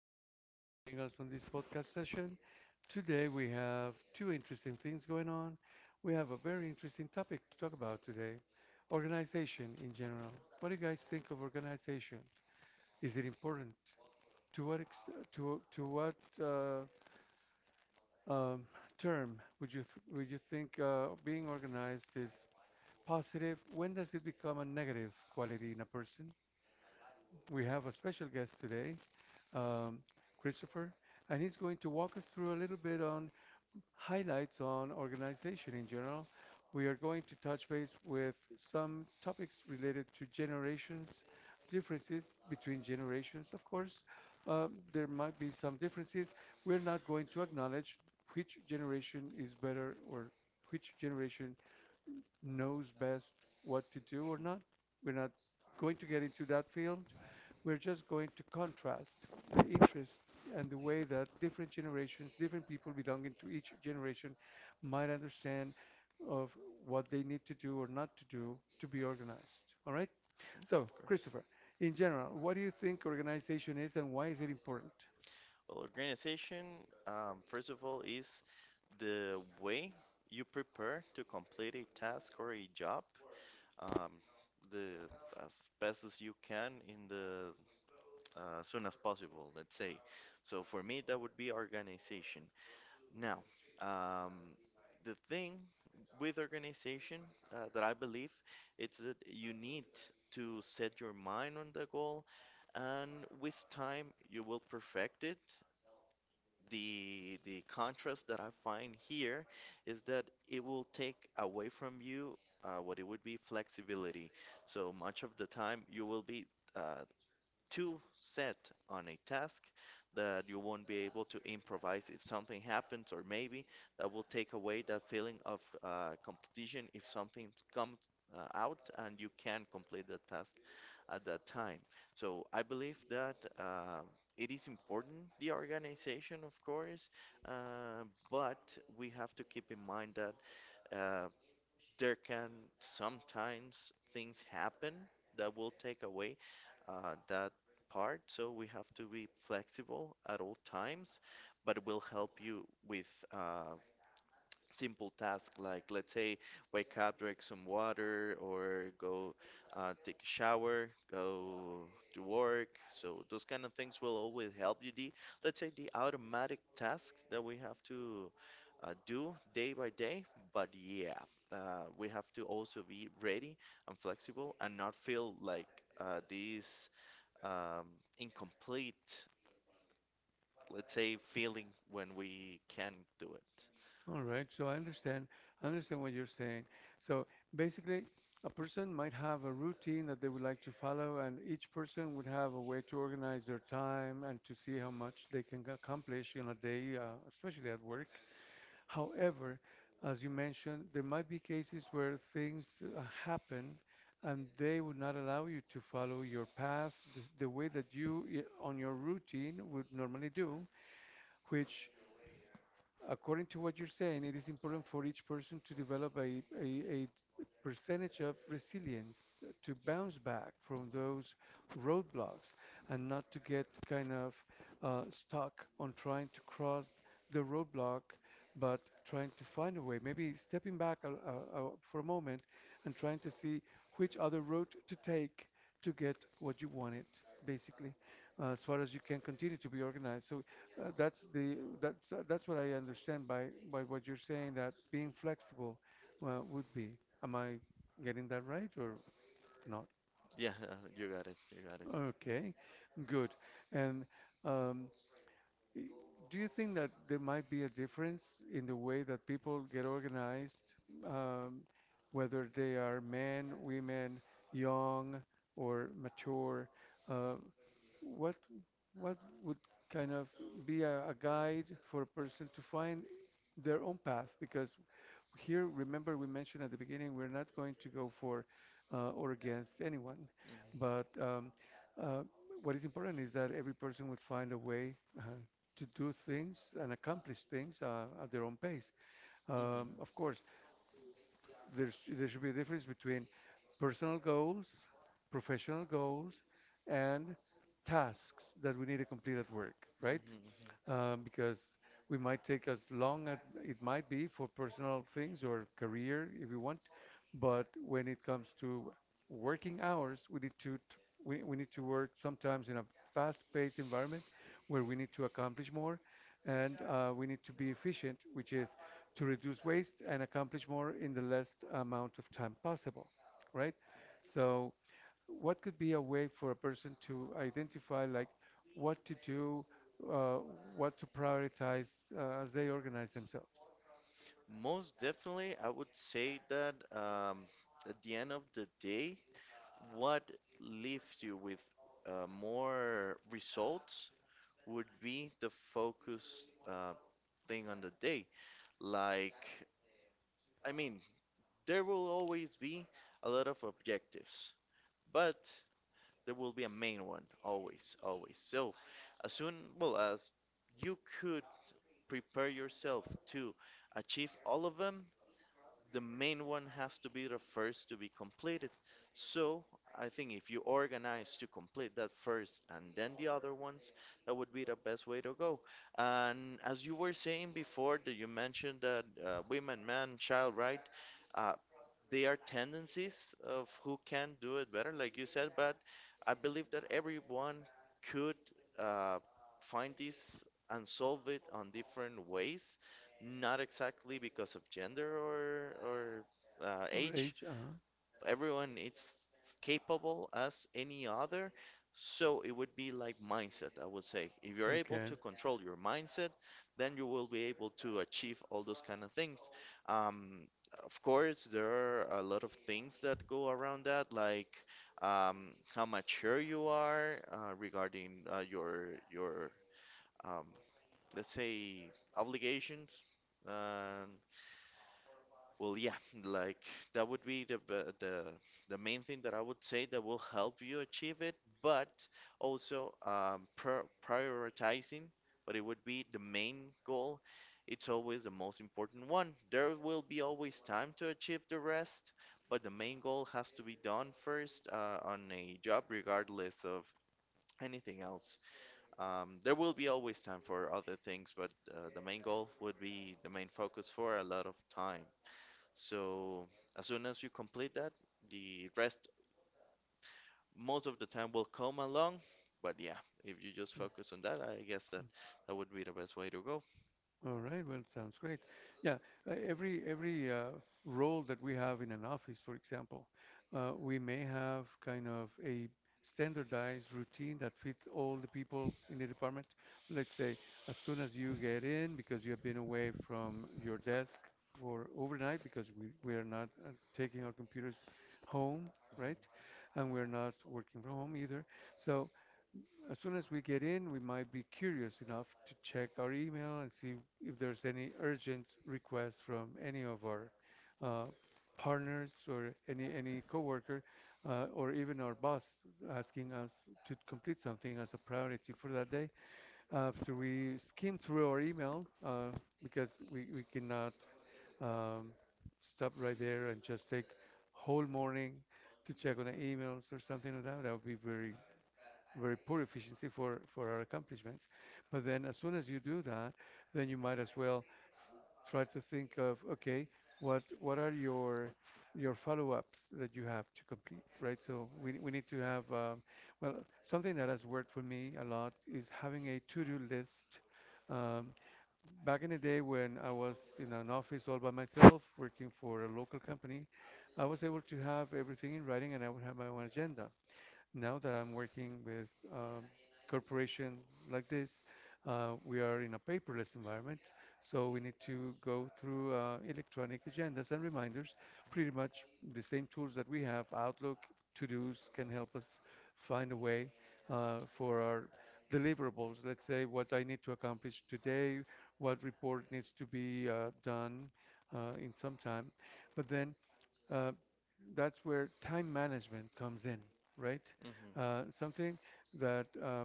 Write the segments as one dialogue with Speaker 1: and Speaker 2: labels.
Speaker 1: you very much for joining us on this podcast session. Today we have two interesting things going on. We have a very interesting topic to talk about today, organization in general. What do you guys think of organization? Is it important? To what uh, um, term would you think being organized is positive? When does it become a negative quality in a person? We have a special guest today. um, Christopher, and he's going to walk us through a little bit on highlights on organization in general. We are going to touch base with some topics related to generations, differences between generations. Of course, there might be some differences. We're not going to acknowledge which generation is better or which generation knows best what to do or not. We're not going to get into that field. We're just going to contrast the interests and the way that different generations, different people belonging to each generation might understand of what they need to do or not to do to be organized. All right?
Speaker 2: So,
Speaker 1: So,
Speaker 2: of course.
Speaker 1: Christopher, in general, what do you think organization is and why is it important?
Speaker 2: Well, organization, first of all, is the way you prepare to complete a task or a job um, the as best as you can in the soon as possible, let's say. So for me, that would be organization. Now, um, the thing with organization that I believe it's that you need to set your mind on the goal, and with time you will perfect it. The contrast that I find here is that it will take away from you what it would be flexibility. So much of the time you will be uh, too set on a task that you won't be able to improvise if something happens, or maybe that will take away that feeling of competition if something comes out and you can complete the task at that time. So I believe that it is important, the organization, of course, uh, but we have to keep in mind that uh, there can sometimes things happen that will take away that part. So we have to be flexible at all times, but it will help you with simple task like let's say wake up, drink some water, or go take a shower, go to work. So those kind of things will always help you. The Let's say the automatic tasks that we have to do day by day, but yeah, we have to also be ready and flexible and not feel like these um, incomplete. Let's say feeling when we can do it.
Speaker 1: All right, so I understand. I understand what you're saying. So basically, a person might have a routine that they would like to follow, and each person would have a way to organize their time and to see how much they can accomplish in a day, especially at work. However, as you mentioned, there might be cases where things happen and they would not allow you to follow your path the way that you, on your routine, would normally do, which according to what you're saying, it is important for each person to develop a percentage of resilience to bounce back from
Speaker 2: Mhm.
Speaker 1: those roadblocks and not to get kind of stuck on trying to cross the roadblock, but trying to find a way. Maybe stepping back for a moment and trying to see which other route to take to get what you wanted, basically, as far as you can continue to be organized. So, that's the that's what I understand by what you're saying that being flexible would be. Am I getting that right or not?
Speaker 2: Yeah, you got it. You got it.
Speaker 1: Okay, good. And um, y- do you think that there might be a difference in the way that people get organized, um, whether they are men, women, young, or mature? Uh, What what would kind of be a guide for a person to find their own path? Because here, remember, we mentioned at the beginning, we're not going to go for or against anyone,
Speaker 2: Mhm.
Speaker 1: but uh, what is important is that every person would find a way to do things and accomplish things at their own pace.
Speaker 2: Mhm.
Speaker 1: Of course, there should be a difference between personal goals, professional goals, and tasks that we need to complete at work, right?
Speaker 2: Mhm.
Speaker 1: Because we might take as long as it might be for personal things or career if you want, but when it comes to working hours, we need to work sometimes in a fast-paced environment where we need to accomplish more and we need to be efficient, which is to reduce waste and accomplish more in the less amount of time possible, right? So, what could be a way for a person to identify like what to do, uh, what to prioritize as they organize themselves
Speaker 2: Most definitely, I would say that at the end of the day, what leaves you with more results would be the focus thing on the day. Like, I mean, there will always be a lot of objectives, but there will be a main one, always, always. So, as soon well as you could prepare yourself to achieve all of them, the main one has to be the first to be completed. So, I think if you organize to complete that first and then the other ones, that would be the best way to go. And as you were saying before, that you mentioned that women, man, child, right? uh, they are tendencies of who can do it better, like you said, but I believe that everyone could uh, find this and solve it on different ways, not exactly because of gender or
Speaker 1: or
Speaker 2: age,
Speaker 1: age? Uh-huh.
Speaker 2: everyone is capable as any other. So it would be like mindset, I would say. If you're able
Speaker 1: Okay.
Speaker 2: to control your mindset, then you will be able to achieve all those kind of things. Um, of course, there are a lot of things that go around that, like how mature you are regarding your um, let's say obligations. Uh, well, yeah, like that would be the b- the main thing that I would say that will help you achieve it, but also pr prioritizing. But it would be the main goal. It's always the most important one. There will be always time to achieve the rest, but the main goal has to be done first on a job, regardless of anything else. There will be always time for other things, but the main goal would be the main focus for a lot of time. So as soon as you complete that, the rest most of the time will come along. But yeah, if you just focus on that, I guess that would be the best way to go.
Speaker 1: All right, well, sounds great. Yeah, every role that we have in an office, for example, we may have kind of a standardized routine that fits all the people in the department. Let's say as soon as you get in, because you have been away from your desk for overnight, because we are not taking our computers home, right? And we're not working from home either. So as soon as we get in, we might be curious enough to check our email and see if there's any urgent requests from any of our uh, partners or any coworker or even our boss asking us to complete something as a priority for that day. After we skim through our email, because we cannot um, stop right there and just take whole morning to check on the emails or something like that, that would be very poor efficiency for our accomplishments. But then as soon as you do that, then you might as well try to think of, okay, what are your follow-ups that you have to complete, right? So we need to have, well, something that has worked for me a lot is having a to-do list. Um, back in the day when I was in an office all by myself working for a local company, I was able to have everything in writing and I would have my own agenda. Now that I'm working with corporation like this, we are in a paperless environment, so we need to go through electronic agendas and reminders. Pretty much the same tools that we have, Outlook, To-dos can help us find a way for our deliverables. Let's say what I need to accomplish today, what report needs to be done in some time. But then uh, that's where time management comes in, right?
Speaker 2: Mhm,
Speaker 1: Something that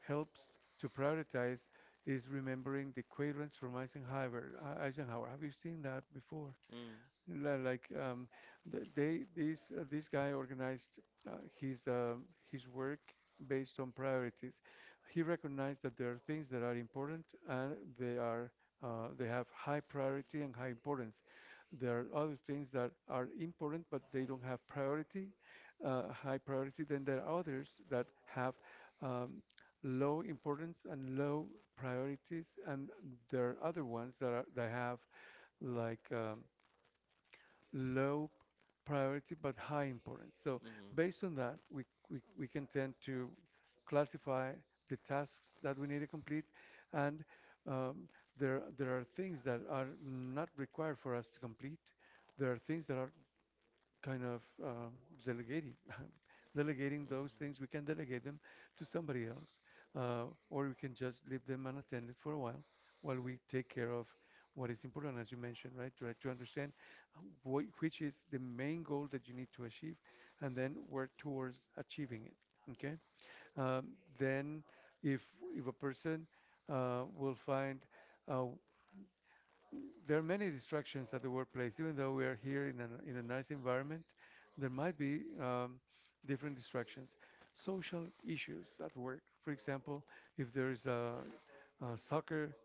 Speaker 1: helps to prioritize is remembering the quadrant from Eisenhower. Eisenhower. Have you seen that before?
Speaker 2: mm, mhm,
Speaker 1: Li- Like th- they this this guy organized uh, his um his work based on priorities. He recognized that there are things that are important and they have high priority and high importance. There are other things that are important but they don't have priority, high priority. Then there are others that have um, low importance and low priorities, and there are other ones that have like low priority but high importance. So
Speaker 2: mhm, mhm.
Speaker 1: based on that, we can tend to classify the tasks that we need to complete and um, there are things that are not required for us to complete. There are things that are kind of delegating delegating those things we can delegate them to somebody else uh, or we can just leave them unattended for a while we take care of what is important, as you mentioned. Right, try to understand which is the main goal that you need to achieve and then work towards achieving it. Okay. Um, then if if a person will find uh, there are many distractions at the workplace. Even though we are here in a nice environment, there might be different distractions. Social issues at work, for example, if there is a soccer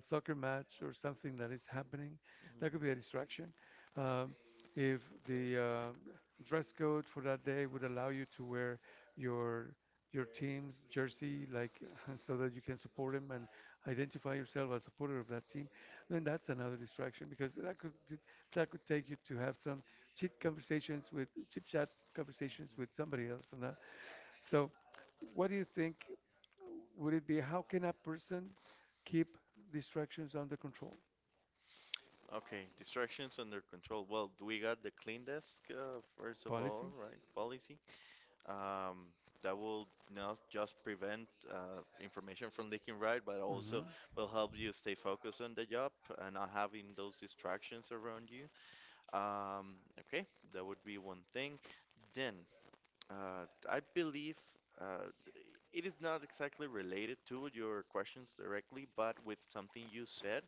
Speaker 1: soccer match or something that is happening, that could be a distraction. Um, if the dress code for that day would allow you to wear your your team's jersey, like so that you can support him and identify yourself as a supporter of that team, then that's another distraction because that could take you to have some chit chat conversations with somebody else on that. So, what do you think? Would it be how can a person keep distractions under control?
Speaker 2: Okay, distractions under control. Well, do we got the clean desk first of
Speaker 1: Policy.
Speaker 2: all, right? Policy um, that will not just prevent information from leaking, right? But also
Speaker 1: Mm-hmm.
Speaker 2: will help you stay focused on the job and not having those distractions around you. Okay, that would be one thing. Then uh, I believe uh, it is not exactly related to your questions directly, but with something you said.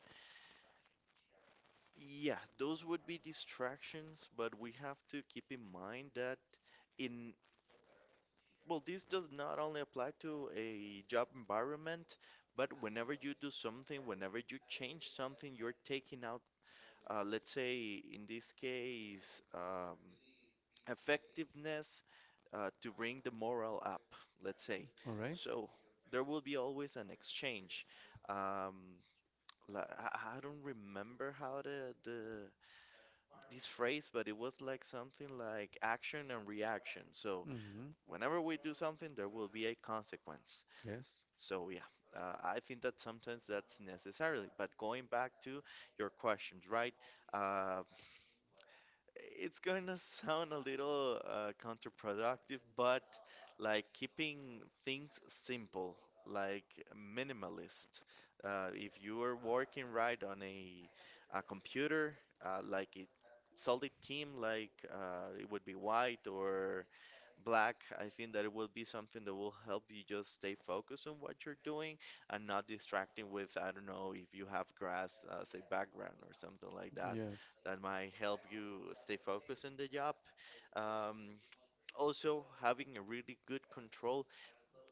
Speaker 2: Yeah, those would be distractions, but we have to keep in mind that in, well, this does not only apply to a job environment, but whenever you do something, whenever you change something, you're taking out, let's say, in this case, effectiveness to bring the morale up, let's say.
Speaker 1: All right.
Speaker 2: So there will be always an exchange. Um, I don't remember how the this phrase, but it was like something like action and reaction. So
Speaker 1: Mm-hmm.
Speaker 2: whenever we do something, there will be a consequence.
Speaker 1: Yes.
Speaker 2: So yeah, I think that sometimes that's necessarily. But going back to your questions, right? Uh, it's going to sound a little counterproductive, but like keeping things simple, like minimalist. If you are working right on a computer, like a solid team, like it would be white or black, I think that it will be something that will help you just stay focused on what you're doing and not distracting with, I don't know, if you have grass as a background or something like that,
Speaker 1: Yes.
Speaker 2: that might help you stay focused in the job. Um, Also, having a really good control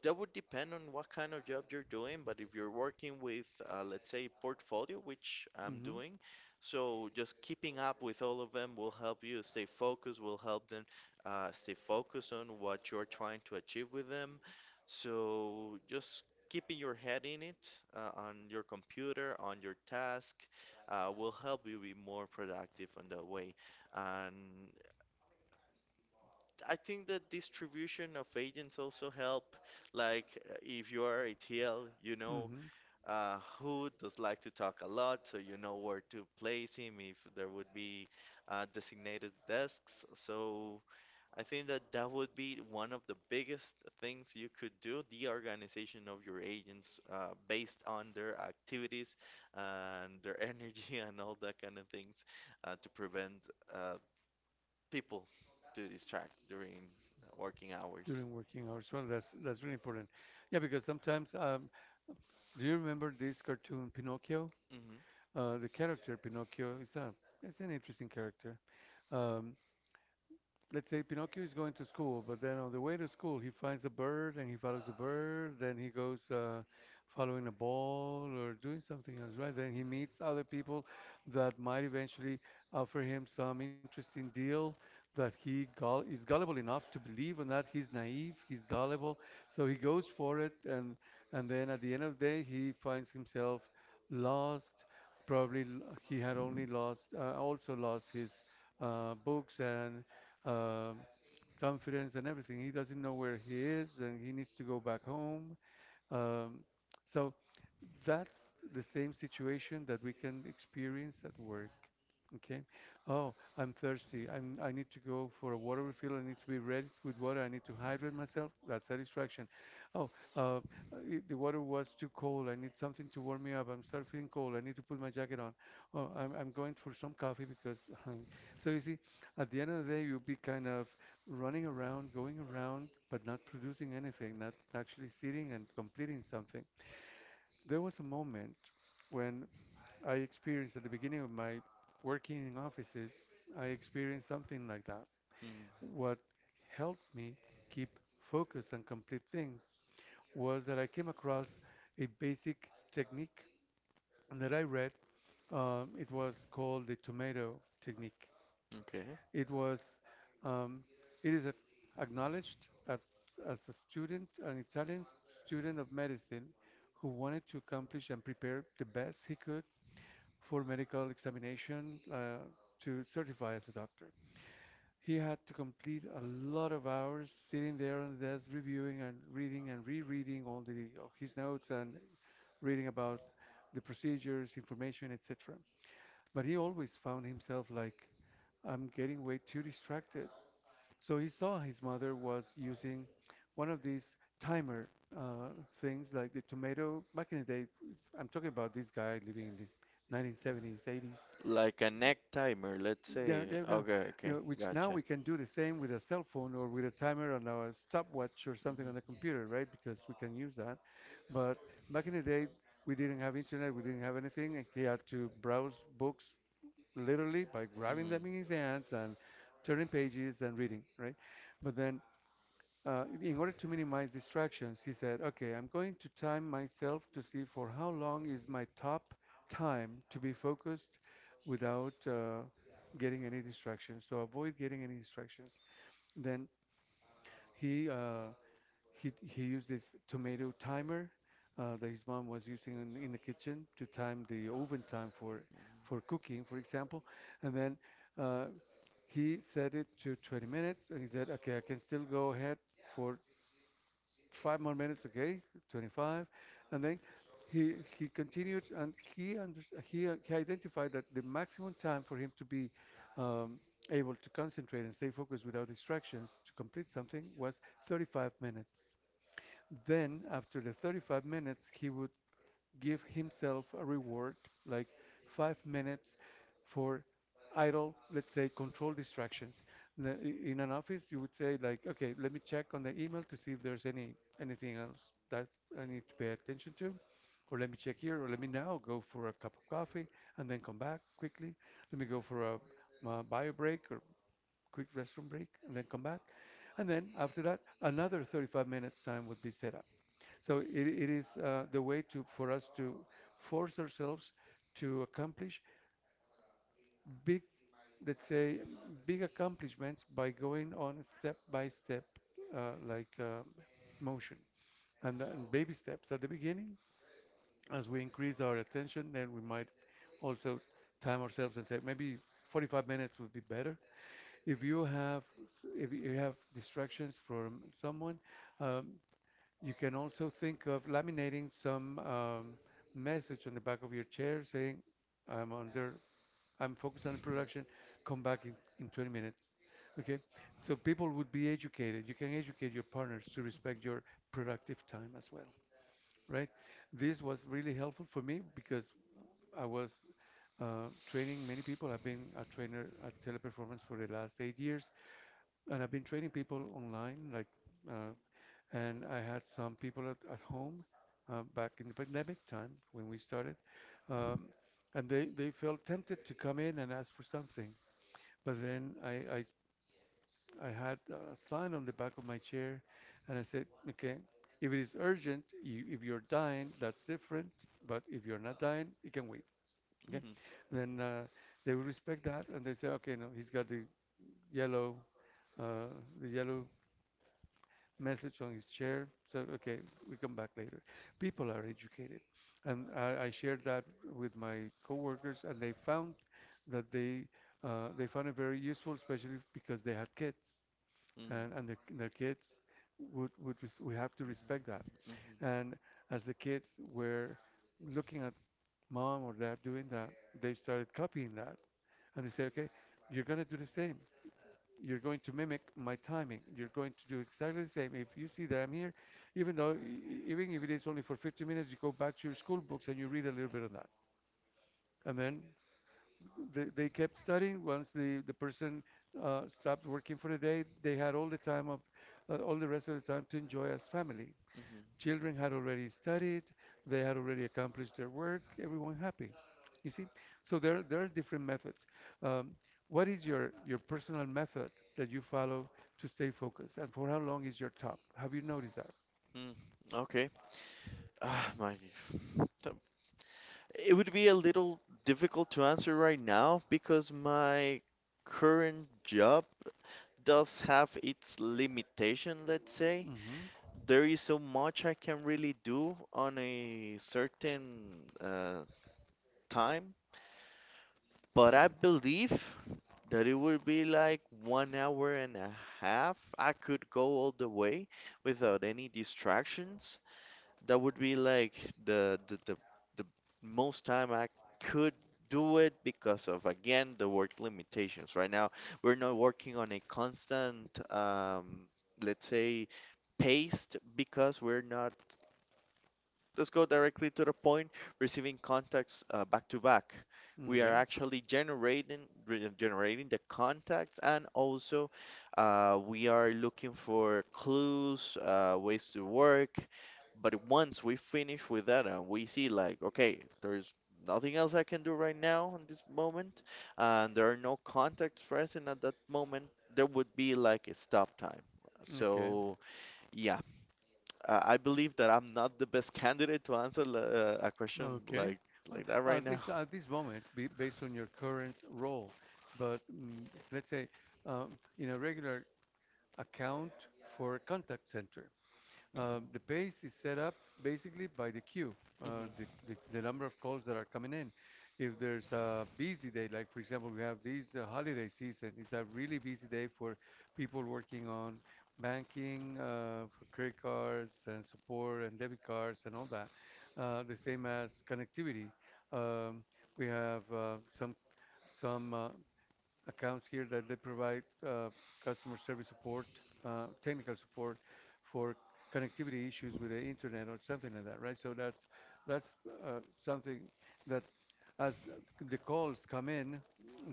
Speaker 2: that would depend on what kind of job you're doing, but if you're working with, let's say, portfolio, which I'm doing, so just keeping up with all of them will help you stay focused, will help them stay focused on what you're trying to achieve with them. So just keeping your head in it, on your computer, on your task, will help you be more productive on that way. And I think that distribution of agents also help. Like if you are ATL, you know
Speaker 1: Mm-hmm.
Speaker 2: who does like to talk a lot, so you know where to place him if there would be designated desks. So I think that that would be one of the biggest things you could do, the organization of your agents based on their activities and their energy and all that kind of things to prevent uh, people to distract during working hours.
Speaker 1: During working hours. Well, that's really important. Yeah, because sometimes, do you remember this cartoon Pinocchio?
Speaker 2: Hmm.
Speaker 1: The character Pinocchio is a it's an interesting character. Um, let's say Pinocchio is going to school, but then on the way to school he finds a bird and he follows the bird, then he goes following a ball or doing something else, right? Then he meets other people that might eventually offer him some interesting deal that he gull is gullible enough to believe in that. He's naive, he's gullible, so he goes for it, and then at the end of the day he finds himself lost. Probably he had only lost, also lost his books and uh, confidence and everything. He doesn't know where he is and he needs to go back home. Um, so that's the same situation that we can experience at work. Okay. Oh, I'm thirsty. I need to go for a water refill. I need to be ready with water. I need to hydrate myself. That's a distraction. Oh, uh, I the water was too cold. I need something to warm me up. I'm start feeling cold. I need to put my jacket on. Oh, I'm going for some coffee because. So you see, at the end of the day, you'll be kind of running around, going around, but not producing anything, not actually sitting and completing something. There was a moment when I experienced at the beginning of my working in offices, I experienced something like that.
Speaker 2: Hmm.
Speaker 1: What helped me keep focus and complete things was that I came across a basic technique that I read. It was called the tomato technique.
Speaker 2: Okay.
Speaker 1: It was, um, it is acknowledged as a student, an Italian student of medicine who wanted to accomplish and prepare the best he could for medical examination to certify as a doctor. He had to complete a lot of hours sitting there on the desk, reviewing and reading and rereading all the his notes and reading about the procedures, information, etc. But he always found himself like, I'm getting way too distracted. So he saw his mother was using one of these timer uh, things like the tomato. Back in the day, I'm talking about this guy living in the 1970s, 80s.
Speaker 2: Like a neck timer, let's
Speaker 1: Yeah,
Speaker 2: say.
Speaker 1: yeah, you
Speaker 2: Okay,
Speaker 1: You
Speaker 2: okay,
Speaker 1: know, which now
Speaker 2: gotcha.
Speaker 1: we can do the same with a cell phone or with a timer on our stopwatch or something on the computer, right? Because we can use that. But back in the day, we didn't have internet, we didn't have anything, and he had to browse books literally by grabbing them in his hands and turning pages and reading, right? But then in order to minimize distractions, he said, okay, I'm going to time myself to see for how long is my top time to be focused without getting any distractions. So avoid getting any distractions. Then he uh, he used this tomato timer that his mom was using in the kitchen to time the oven time for cooking, for example. And then uh, he set it to 20 minutes, and he said, okay, I can still go ahead for five more minutes, okay, 25. And then he continued and he under, he identified that the maximum time for him to be um, able to concentrate and stay focused without distractions to complete something was 35 minutes. Then after the 35 minutes, he would give himself a reward like 5 minutes for idle, let's say, control distractions. In an office, you would say like, okay, let me check on the email to see if there's anything else that I need to pay attention to, or let me check here, or let me now go for a cup of coffee and then come back quickly. Let me go for a, bio break or quick restroom break and then come back. And then after that, another 35 minutes time would be set up. So it is the way to for us to force ourselves to accomplish big, let's say, big accomplishments by going on step by step, like motion and baby steps at the beginning. As we increase our attention, then we might also time ourselves and say maybe 45 minutes would be better. If you have distractions from someone, um, you can also think of laminating some message on the back of your chair saying, I'm under, I'm focused on the production, come back in 20 minutes. Okay? So people would be educated. You can educate your partners to respect your productive time as well, right? This was really helpful for me because I was training many people. I've been a trainer at Teleperformance for the last 8 years, and I've been training people online, uh, and I had some people at home back in the pandemic time when we started, um, and they felt tempted to come in and ask for something. But then I, I, I had a sign on the back of my chair, and I said, okay, if it is urgent, you, if you're dying, that's different. But if you're not dying, you can wait. Okay,
Speaker 2: Hmm.
Speaker 1: then they will respect that, and they say, okay, no, he's got yellow, uh, the yellow message on his chair. So, okay, we come back later. People are educated. And I shared that with my coworkers, and they found that they found it very useful, especially because they had kids,
Speaker 2: Hmm.
Speaker 1: and
Speaker 2: Hmm.
Speaker 1: their kids we have to respect that.
Speaker 2: Hmm. Hmm.
Speaker 1: And as the kids were looking at mom or dad doing that, they started copying that, and they say, okay, you're gonna do the same you're going to mimic my timing. You're going to do exactly the same. If you see that I'm here, even though, even if it is only for 50 minutes, you go back to your school books and you read a little bit of that. And then they kept studying. Once the person stopped working for the day, they had all the time of, all the rest of the time to enjoy as family.
Speaker 2: Hmm.
Speaker 1: Children had already studied, they had already accomplished their work, everyone happy. You see? So there are different methods. Um, what is your personal method that you follow to stay focused? And for how long is your top? Have you noticed that?
Speaker 2: Hmm. Okay. Ah, my. It would be a little difficult to answer right now because my current job does have its limitation, let's say.
Speaker 1: hmm
Speaker 2: There is so much I can really do on a certain time, but I believe that it would be like one hour and a half. I could go all the way without any distractions that would be like the the the, the most time I could do it because of again the work limitations. Right now, we're not working on a constant let's say pace because we're not Let's go directly to the point, receiving contacts back to back. We are
Speaker 1: Okay.
Speaker 2: actually generating the contacts, and also we are looking for clues, ways to work. But once we finish with that, and we see like, okay, there's nothing else I can do right now in this moment, and there are no contacts present at that moment. There would be like a stop time.
Speaker 1: Okay,
Speaker 2: So yeah, I believe that I'm not the best candidate to answer a question
Speaker 1: okay.
Speaker 2: like
Speaker 1: Well,
Speaker 2: like that right now.
Speaker 1: at this moment, be based on your current role, but let's say in a regular account for a contact center. The pace is set up basically by the queue, uh, the,
Speaker 2: Mhm.
Speaker 1: the, the number of calls that are coming in. If there's a busy day, like for example, we have this holiday season, it's a really busy day for people working on banking, for credit cards and support and debit cards and all that. The same as connectivity. Um, we have some accounts here that they provide customer service support, technical support for connectivity issues with the internet or something like that, right? So that's uh, something that as the calls come in,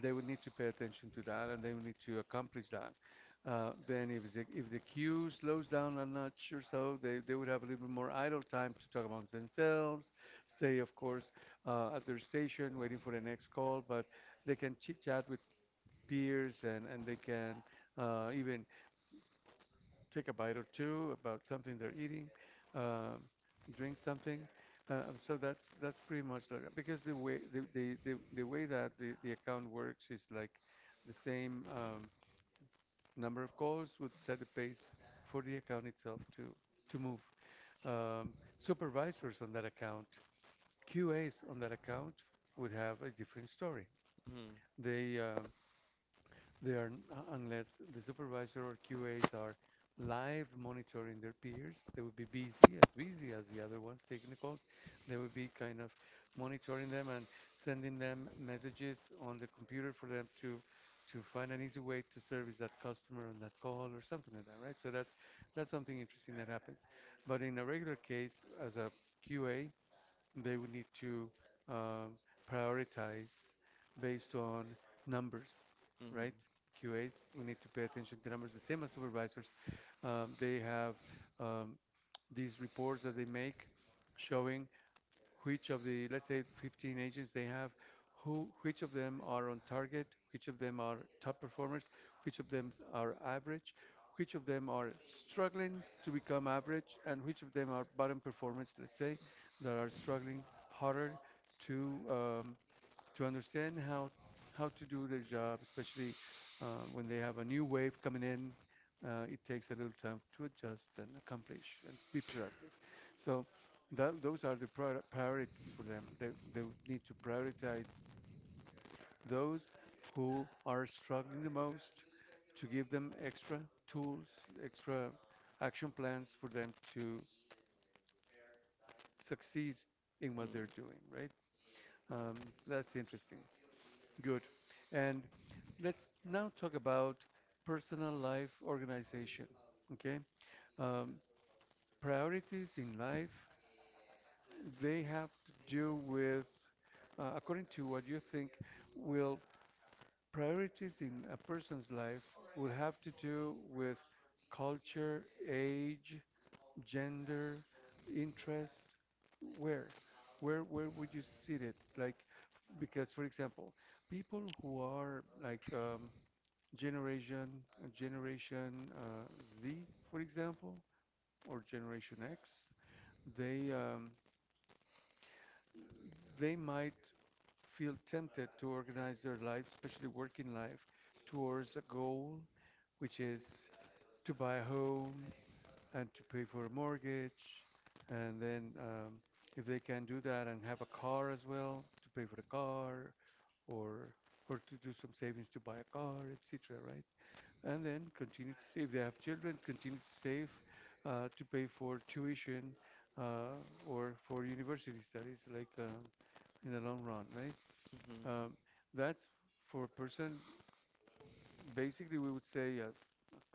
Speaker 1: they would need to pay attention to that and they would need to accomplish that. Then if the queue slows down a notch or so, they would have a little bit more idle time to talk amongst themselves, stay, of course, at their station waiting for the next call, but they can chit chat with peers and they can even take a bite or two about something they're eating, um, drink something. So that's pretty much like, that. Because the way the way that the account works is like the same number of calls would set the pace for the account itself to move. Um, Supervisors on that account, QAs on that account would have a different story.
Speaker 2: Mhm,
Speaker 1: They um, Unless the supervisor or QAs are live monitoring their peers, they would be busy as the other ones taking the calls. They would be kind of monitoring them and sending them messages on the computer for them to find an easy way to service that customer on that call or something like that, right? So that's something interesting that happens. But in a regular case, as a QA, they would need to um, prioritize based on numbers,
Speaker 2: mhm,
Speaker 1: right? QAs, we need to pay attention to numbers. The same as supervisors, they have um, these reports that they make showing which of the, let's say, 15 agents they have, who, which of them are on target, which of them are top performers, which of them are average, which of them are struggling to become average, and which of them are bottom performers, let's say, that are struggling harder to um, to understand how to do their job, especially when they have a new wave coming in. It takes a little time to adjust and accomplish and be productive. So that, those are the priorities for them. They need to prioritize those who are struggling the most to give them extra tools, extra action plans for them to succeed in what
Speaker 2: mhm,
Speaker 1: they're doing, right? Um, that's interesting. Good. And let's now talk about personal life organization. Okay. Um, Priorities in life, they have to do with, according to what you think, will priorities in a person's life will have to do with culture, age, gender, interest, where? Where would you see it? Like, because for example, people who are like generation generation Z, for example, or generation X, they um, they might feel tempted to organize their life, especially working life, towards a goal, which is to buy a home and to pay for a mortgage, and then if they can do that and have a car as well to pay for the car, or or to do some savings to buy a car, etc. Right? And then continue to save. They have children, continue to save to pay for tuition uh, or for university studies, like in the long run, right?
Speaker 2: mhm, mhm,
Speaker 1: Um, that's for a person, basically, we would say, yes,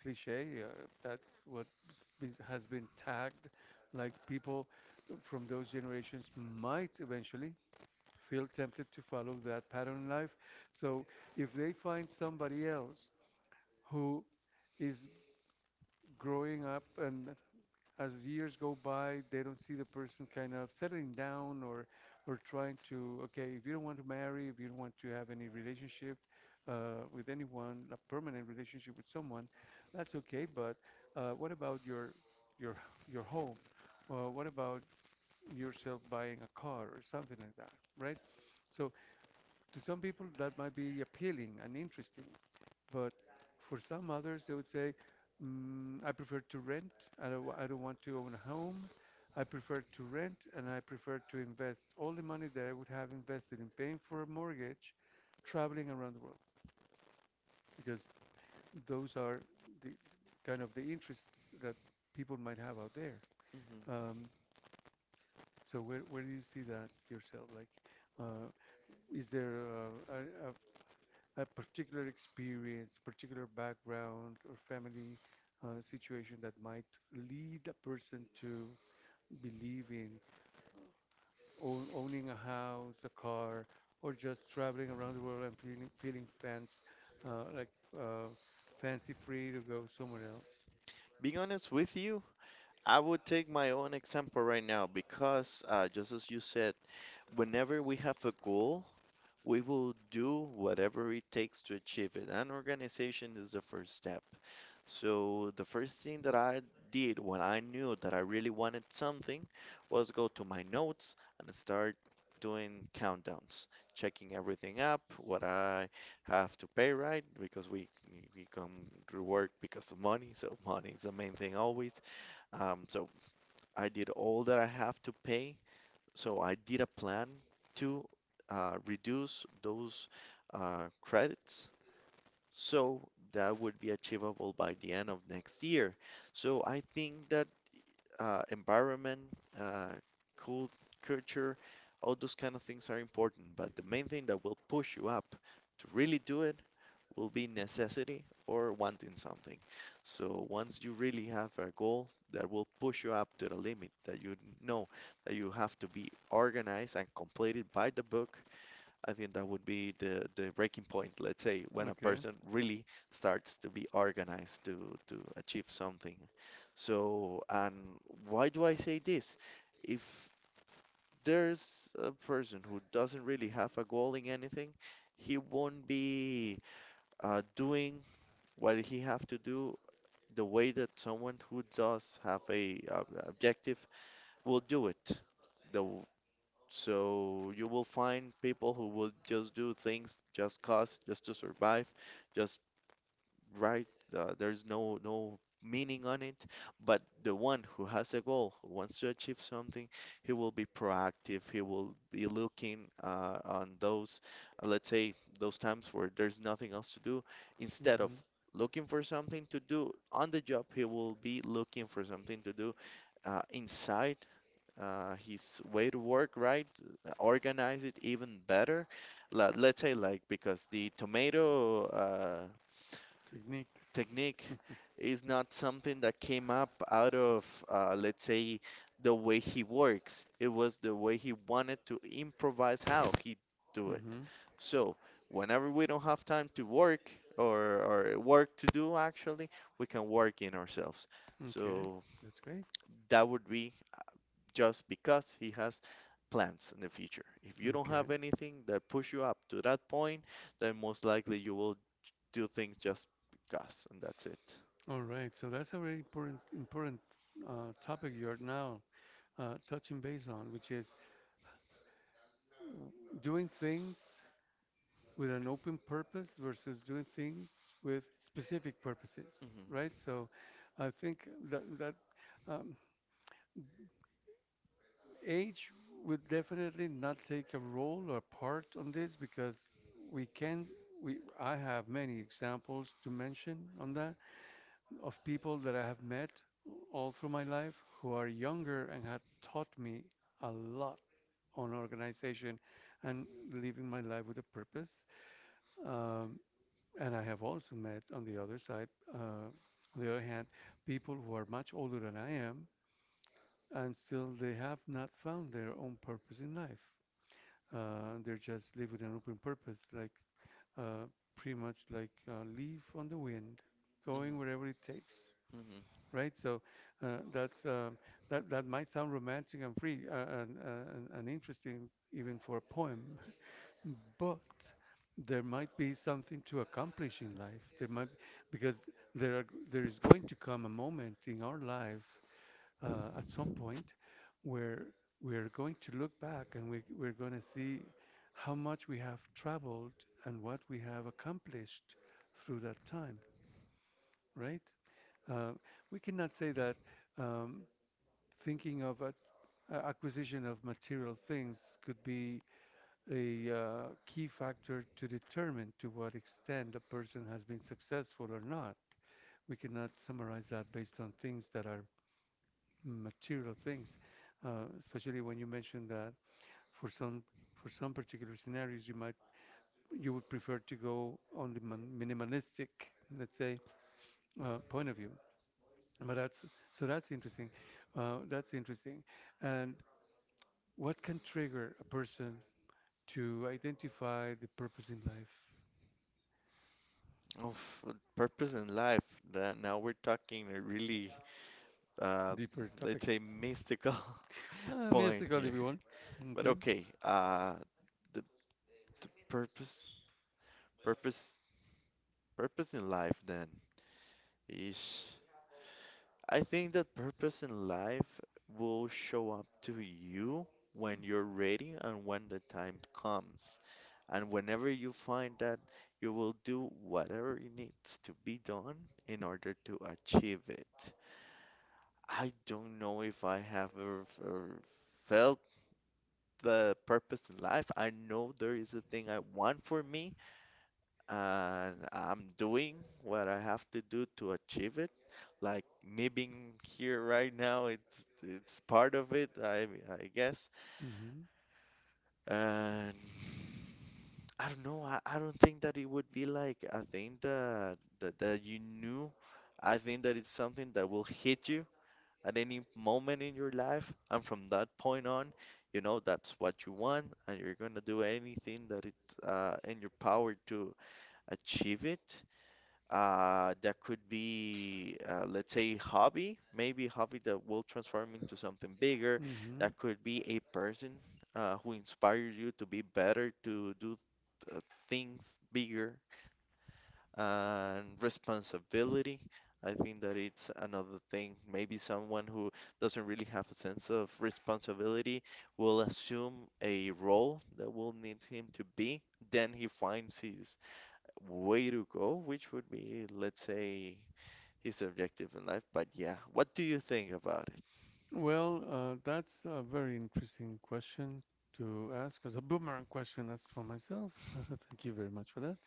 Speaker 1: cliche. That's what has been tagged, like people from those generations might eventually feel tempted to follow that pattern in life. So if they find somebody else who is growing up, and as years go by they don't see the person kind of settling down, or trying to, okay, if you don't want to marry, if you don't want to have any relationship with anyone, a permanent relationship with someone, that's okay, but what about your your your home, what about yourself buying a car or something like that, right? So to some people that might be appealing and interesting, but for some others, they would say, I prefer to rent. I don't want to own a home. I prefer to rent, and I prefer to invest all the money that I would have invested in paying for a mortgage, traveling around the world, because those are the kind of the interests that people might have out there.
Speaker 2: mhm.
Speaker 1: Um, so, where do you see that yourself? Like, uh, is there uh, a particular experience, particular background, or family situation that might lead a person to believe in owning a house, a car, or just traveling around the world and feeling feeling fans like uh, fancy free to go somewhere else.
Speaker 2: Being honest with you, I would take my own example right now because, just as you said, whenever we have a goal, we will do whatever it takes to achieve it, and organization is the first step. So, the first thing that I did when I knew that I really wanted something was go to my notes and start doing countdowns, checking everything up, what I have to pay, right? Because we come to work because of money, so money is the main thing always. So I did all that I have to pay so I did a plan to reduce those credits so that would be achievable by the end of next year. So I think that environment, uh, cult- culture, all those kind of things are important, but the main thing that will push you up to really do it will be necessity or wanting something. So once you really have a goal that will push you up to the limit that you know that you have to be organized and completed by the book, I think that would be the breaking point, let's say, when a
Speaker 1: Okay.
Speaker 2: person really starts to be organized to achieve something. So, and why do I say this? If there's a person who doesn't really have a goal in anything, he won't be doing what he have to do the way that someone who does have a objective will do it the w- so you will find people who will just do things just cause just to survive just, right? There's no meaning on it. But the one who has a goal, who wants to achieve something, he will be proactive. He will be looking on those, let's say, those times where there's nothing else to do. Instead of
Speaker 1: Mm-hmm.
Speaker 2: looking for something to do on the job, he will be looking for something to do inside. His way to work, right? Organize it even better. Let's say, like, because the tomato
Speaker 1: Technique.
Speaker 2: technique is not something that came up out of, let's say, the way he works. It was the way he wanted to improvise how he do it.
Speaker 1: Mm-hmm.
Speaker 2: So whenever we don't have time to work or work to do, actually, we can work in ourselves.
Speaker 1: Okay.
Speaker 2: So
Speaker 1: That's great.
Speaker 2: that would be just because he has plans in the future. If you don't
Speaker 1: Okay.
Speaker 2: have anything that push you up to that point, then most likely you will do things just because, and that's it.
Speaker 1: All right, so that's a very important topic you're now touching base on, which is uh, doing things with an open purpose versus doing things with specific purposes, right? So I think that um, age would definitely not take a role or part on this, because we can we I have many examples to mention on that of people that I have met all through my life who are younger and have taught me a lot on organization and living my life with a purpose. Um, and I have also met uh, on the other hand, people who are much older than I am, and still they have not found their own purpose in life. They're just live with an open purpose, like uh, pretty much like a leaf on the wind, going
Speaker 2: Mm-hmm.
Speaker 1: wherever it takes,
Speaker 2: Mm-hmm.
Speaker 1: right? So that's that that might sound romantic and free, and interesting even for a poem, but there might be something to accomplish in life. There might, because there is going to come a moment in our life at some point where we're going to look back and we're going to see how much we have traveled and what we have accomplished through that time, right? Uh, we cannot say that um, thinking of a acquisition of material things could be a key factor to determine to what extent a person has been successful or not. We cannot summarize that based on things that are material things, especially when you mentioned that for some for some particular scenarios you might, you would prefer to go on the minimalistic, let's say, point of view. But that's so that's interesting. That's interesting. And what can trigger a person to identify the purpose in life?
Speaker 2: Of purpose in life. That now we're talking a really, uh,
Speaker 1: Deeper topic.
Speaker 2: let's say, mystical point
Speaker 1: Mystical, if
Speaker 2: here.
Speaker 1: you want.
Speaker 2: But
Speaker 1: Okay.
Speaker 2: okay, the, the purpose, purpose, purpose in life then is. I think that purpose in life will show up to you when you're ready and when the time comes. And whenever you find that, you will do whatever it needs to be done in order to achieve it. I don't know if I have ever felt the purpose in life. I know there is a thing I want for me, and I'm doing what I have to do to achieve it. Like me being here right now, it's part of it, I guess.
Speaker 1: Mm-hmm.
Speaker 2: And I don't know. I don't think that it would be like I think that, that you knew. I think that it's something that will hit you at any moment in your life, and from that point on, you know that's what you want, and you're gonna do anything that it's in your power to achieve it. That could be, let's say, hobby, maybe hobby that will transform into something bigger.
Speaker 1: Mm-hmm.
Speaker 2: That could be a person who inspires you to be better, to do uh, things bigger, and responsibility. I think that it's another thing. Maybe someone who doesn't really have a sense of responsibility will assume a role that will need him to be. Then he finds his way to go, which would be, let's say, his objective in life. But yeah, what do you think about it?
Speaker 1: Well, that's a very interesting question to ask as a boomerang question asked for myself. Thank you very much for that.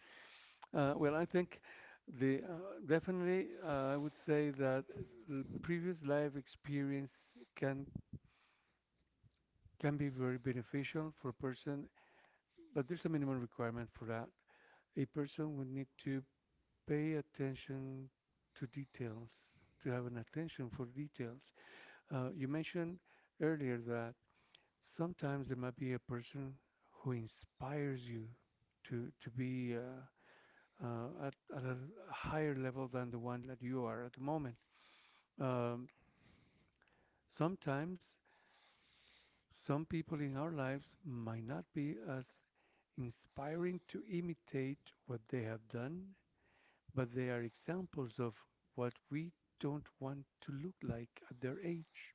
Speaker 1: Well, I think the definitely, I would say that the previous life experience can can be very beneficial for a person, but there's a minimum requirement for that. A person would need to pay attention to details, to have an attention for details. You mentioned earlier that sometimes there might be a person who inspires you to be at a higher level than the one that you are at the moment. Um, Sometimes some people in our lives might not be as inspiring to imitate what they have done, but they are examples of what we don't want to look like at their age.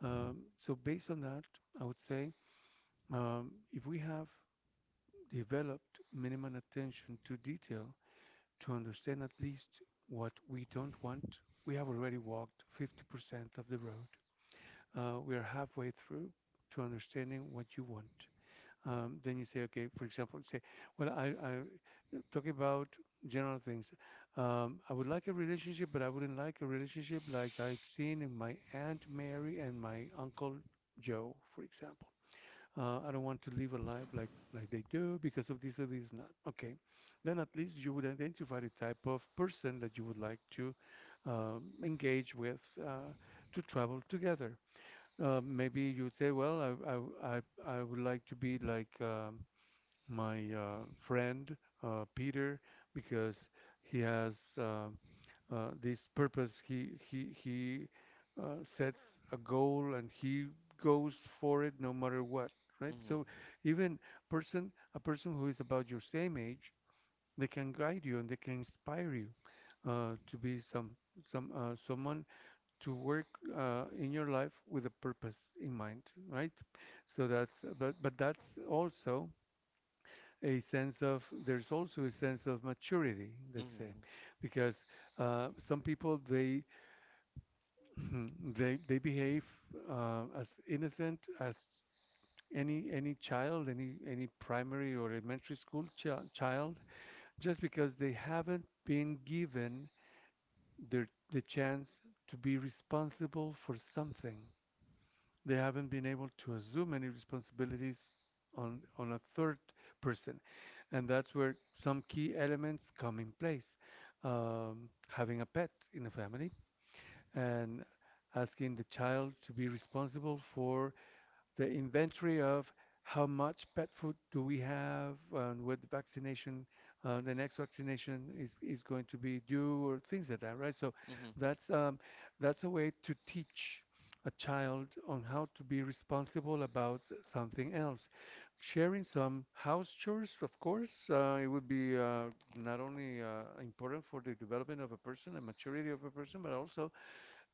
Speaker 1: So, based on that, I would say, if we have developed minimum attention to detail to understand at least what we don't want, we have already walked 50% of the road. We are halfway through to understanding what you want. Then you say, okay, for example, say, well, I talking about general things. I would like a relationship, but I wouldn't like a relationship like I've seen in my Aunt Mary and my Uncle Joe, for example. I don't want to live a life like they do because of this or this not. Okay, then at least you would identify the type of person that you would like to engage with, to travel together. Maybe you say, well, I, I, I would like to be like my friend Peter, because he has this purpose. He sets a goal and he goes for it no matter what, right? So even person a person who is about your same age, they can guide you and they can inspire you to be someone, to work in your life with a purpose in mind, right? So that's but that's also a sense of, maturity, let's say, because some people they they behave as innocent as any child, any primary or elementary school ch child, just because they haven't been given the chance to be responsible for something, they haven't been able to assume any responsibilities on a third person, and that's where some key elements come in place. Having a pet in a family and asking the child to be responsible for the inventory of how much pet food do we have and what vaccination, the next vaccination is going to be due, or things like that, right? So
Speaker 2: Mhm,
Speaker 1: that's a way to teach a child on how to be responsible about something else. Sharing some house chores, of course, it would be not only important for the development of a person and maturity of a person, but also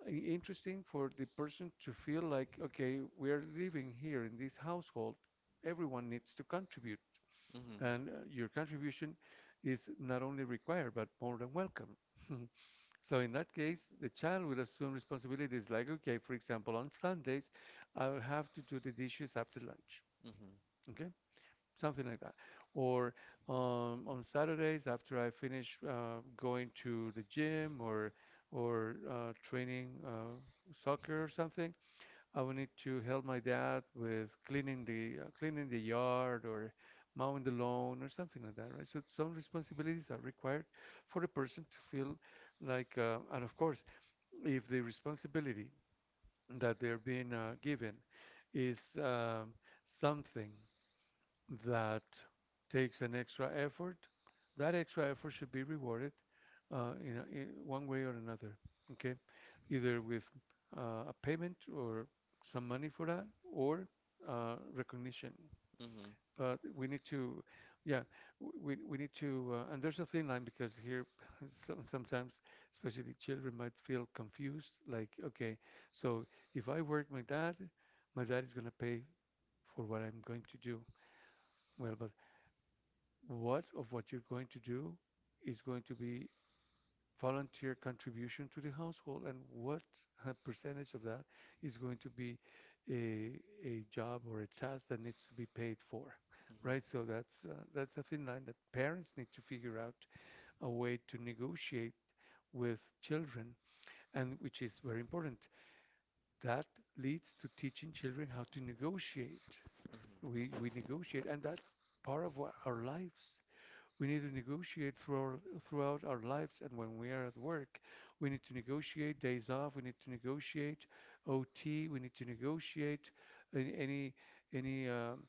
Speaker 1: interesting for the person to feel like, okay, we are living here in this household. Everyone needs to contribute,
Speaker 2: mhm, mhm,
Speaker 1: and your contribution is not only required but more than welcome. So in that case, the child will assume responsibilities like, okay, for example, on Sundays, I will have to do the dishes after lunch.
Speaker 2: mhm,
Speaker 1: Okay, something like that. Or on Saturdays, after I finish going to the gym or training soccer or something, I will need to help my dad with cleaning the yard, or mowing the lawn or something like that, right? So some responsibilities are required for the person to feel like, and of course, if the responsibility that they're being given is something that takes an extra effort, that extra effort should be rewarded in, in one way or another. Okay, either with a payment or some money for that, or recognition.
Speaker 2: mhm, mhm, mhm, mhm, mhm, mhm,
Speaker 1: But we need to, yeah, we need to, and there's a thin line because here sometimes, especially children, might feel confused. Like, okay, so if I work my dad is gonna pay for what I'm going to do. Well, but what you're going to do is going to be volunteer contribution to the household, and what percentage of that is going to be a, a job or a task that needs to be paid for,
Speaker 2: mhm,
Speaker 1: right? So
Speaker 2: mhm,
Speaker 1: that's that's a thin line that parents need to figure out a way to negotiate with children, and which is very important, that leads to teaching children how to negotiate. We negotiate, and that's part of what our lives, we need to negotiate through throughout our lives. And when we are at work, we need to negotiate days off. We need to negotiate OT. We need to negotiate any any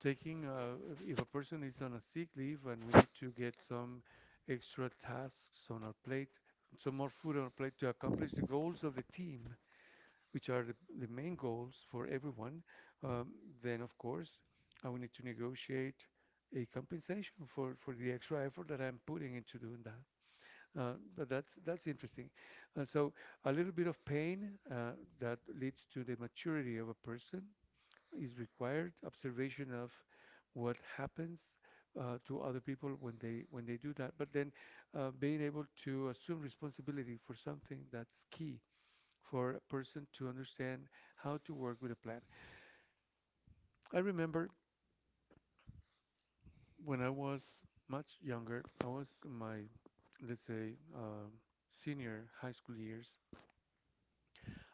Speaker 1: taking if a person is on a sick leave and we need to get some extra tasks on our plate, some more food on our plate to accomplish the goals of the team, which are the main goals for everyone, um, then of course I will need to negotiate a compensation for the extra effort that I'm putting into doing that. But that's interesting. So a little bit of pain that leads to the maturity of a person is required. Observation of what happens to other people when they do that. But then being able to assume responsibility for something that's key for a person to understand how to work with a plant. I remember when I was much younger, I was in my, let's say, senior high school years,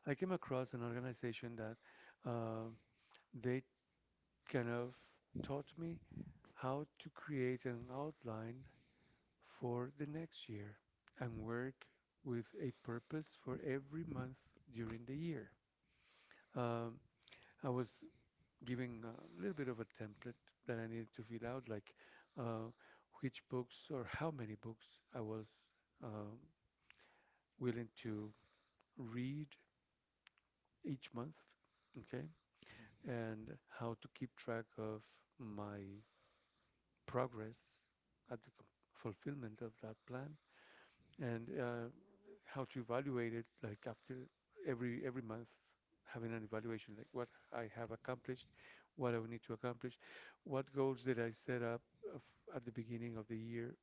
Speaker 1: I came across an organization that uh, they kind of taught me how to create an outline for the next year and work with a purpose for every month during the year. Um, I was giving a little bit of a template that I needed to fill out, like uh, which books or how many books I was um, willing to read each month, okay, and how to keep track of my progress at the fulfillment of that plan, and how to evaluate it like after every month having an evaluation like what I have accomplished, what I will need to accomplish, what goals did I set up of, at the beginning of the year,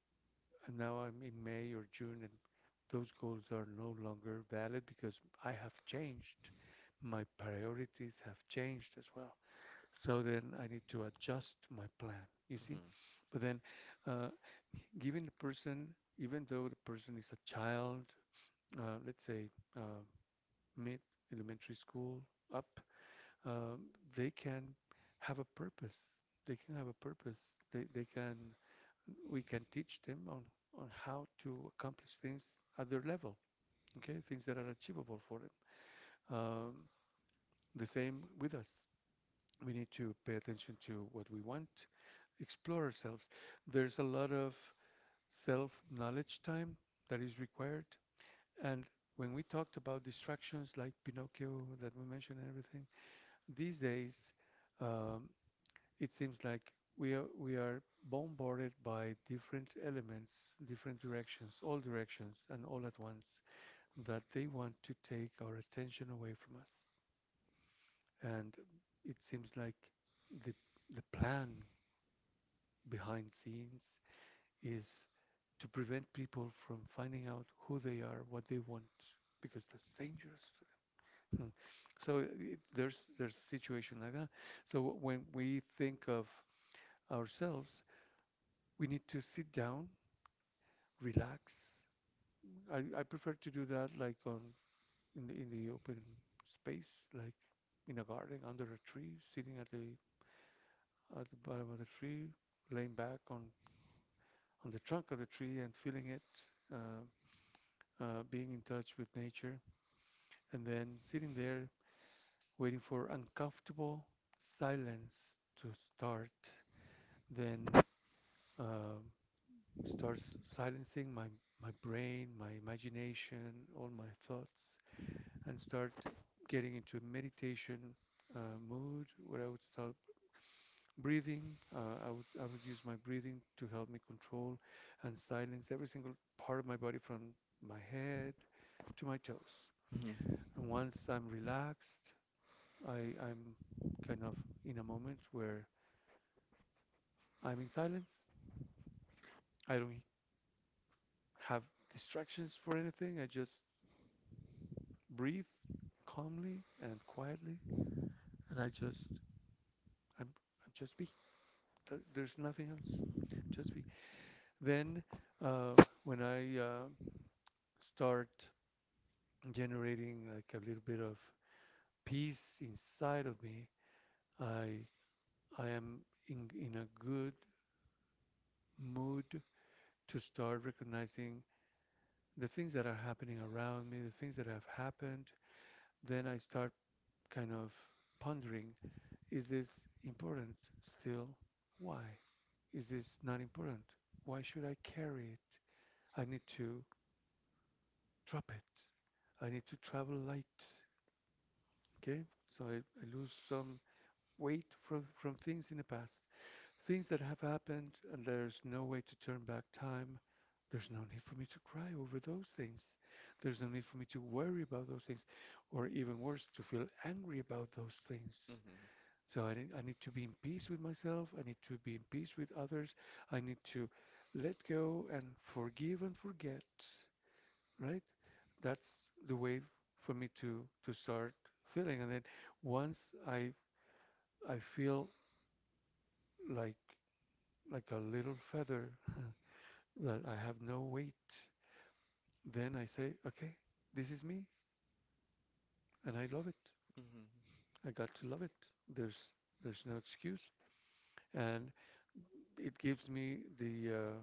Speaker 1: and now I'm in May or June, and those goals are no longer valid because I have changed. My priorities have changed as well. So then I need to adjust my plan, you see? But then uh, giving the person, even though the person is a child, let's say, uh, mid elementary school up, uh, they can have a purpose. They can have a purpose. They can we can teach them on how to accomplish things at their level. Okay, things that are achievable for them. Um, the same with us. We need to pay attention to what we want, explore ourselves. There's a lot of self knowledge time that is required. And when we talked about distractions like Pinocchio that we mentioned and everything, these days, um, it seems like we are bombarded by different elements, different directions, all directions, and all at once that they want to take our attention away from us. And it seems like the the plan behind scenes is to prevent people from finding out who they are, what they want, because that's dangerous. Hmm. So there's a situation like that. So when we think of ourselves, we need to sit down, relax. I prefer to do that like in the open space, like in a garden under a tree, sitting at the bottom of the tree, laying back on the trunk of the tree and feeling it, uh, being in touch with nature, and then sitting there waiting for uncomfortable silence to start. Then uh, starts silencing my my brain, my imagination, all my thoughts, and start getting into meditation mood where I would start breathing. I would use my breathing to help me control and silence every single part of my body from my head to my toes. And once I'm relaxed, I'm kind of in a moment where I'm in silence. I don't have distractions for anything. I just breathe calmly and quietly, and I just I'm, I'm just be. There's nothing else. Just be. Then uh, when I start generating like a little bit of peace inside of me, I I am in a good mood to start recognizing the things that are happening around me, the things that have happened. Then I start kind of pondering. Is this important still? Why? Is this not important? Why should I carry it? I need to drop it. I need to travel light. Okay? So I lose some weight from things in the past. Things that have happened and there's no way to turn back time. There's no need for me to cry over those things. There's no need for me to worry about those things or even worse, to feel angry about those things. I need to be in peace with myself. I need to be in peace with others. I need to let go and forgive and forget, right? That's the way for me to start feeling. And then once I I feel like like a little feather that I have no weight, then I say, okay, this is me, and I love it. I got to love it. There's there's no excuse. And it gives me the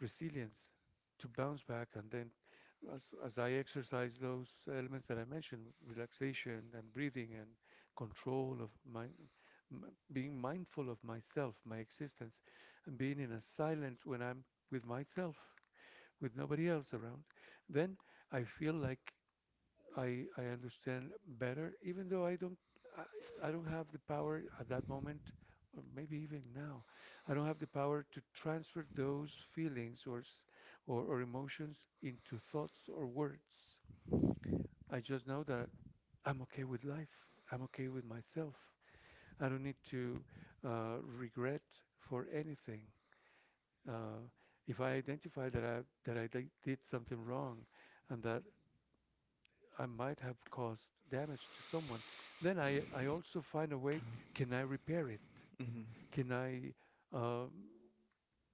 Speaker 1: resilience to bounce back. And then, as I exercise those elements that I mentioned, relaxation and breathing and control of my, m- being mindful of myself, my existence, and being in a silence when I'm with myself, with nobody else around, then I feel like I understand better, even though I don't have the power at that moment, or maybe even now, I don't have the power to transfer those feelings or emotions into thoughts or words. I just know that I'm okay with life. I'm okay with myself. I don't need to regret for anything. Uh, if I identify that I did something wrong, and that I might have caused damage to someone. Then I also find a way, can I repair it?
Speaker 2: mhm,
Speaker 1: Can I um,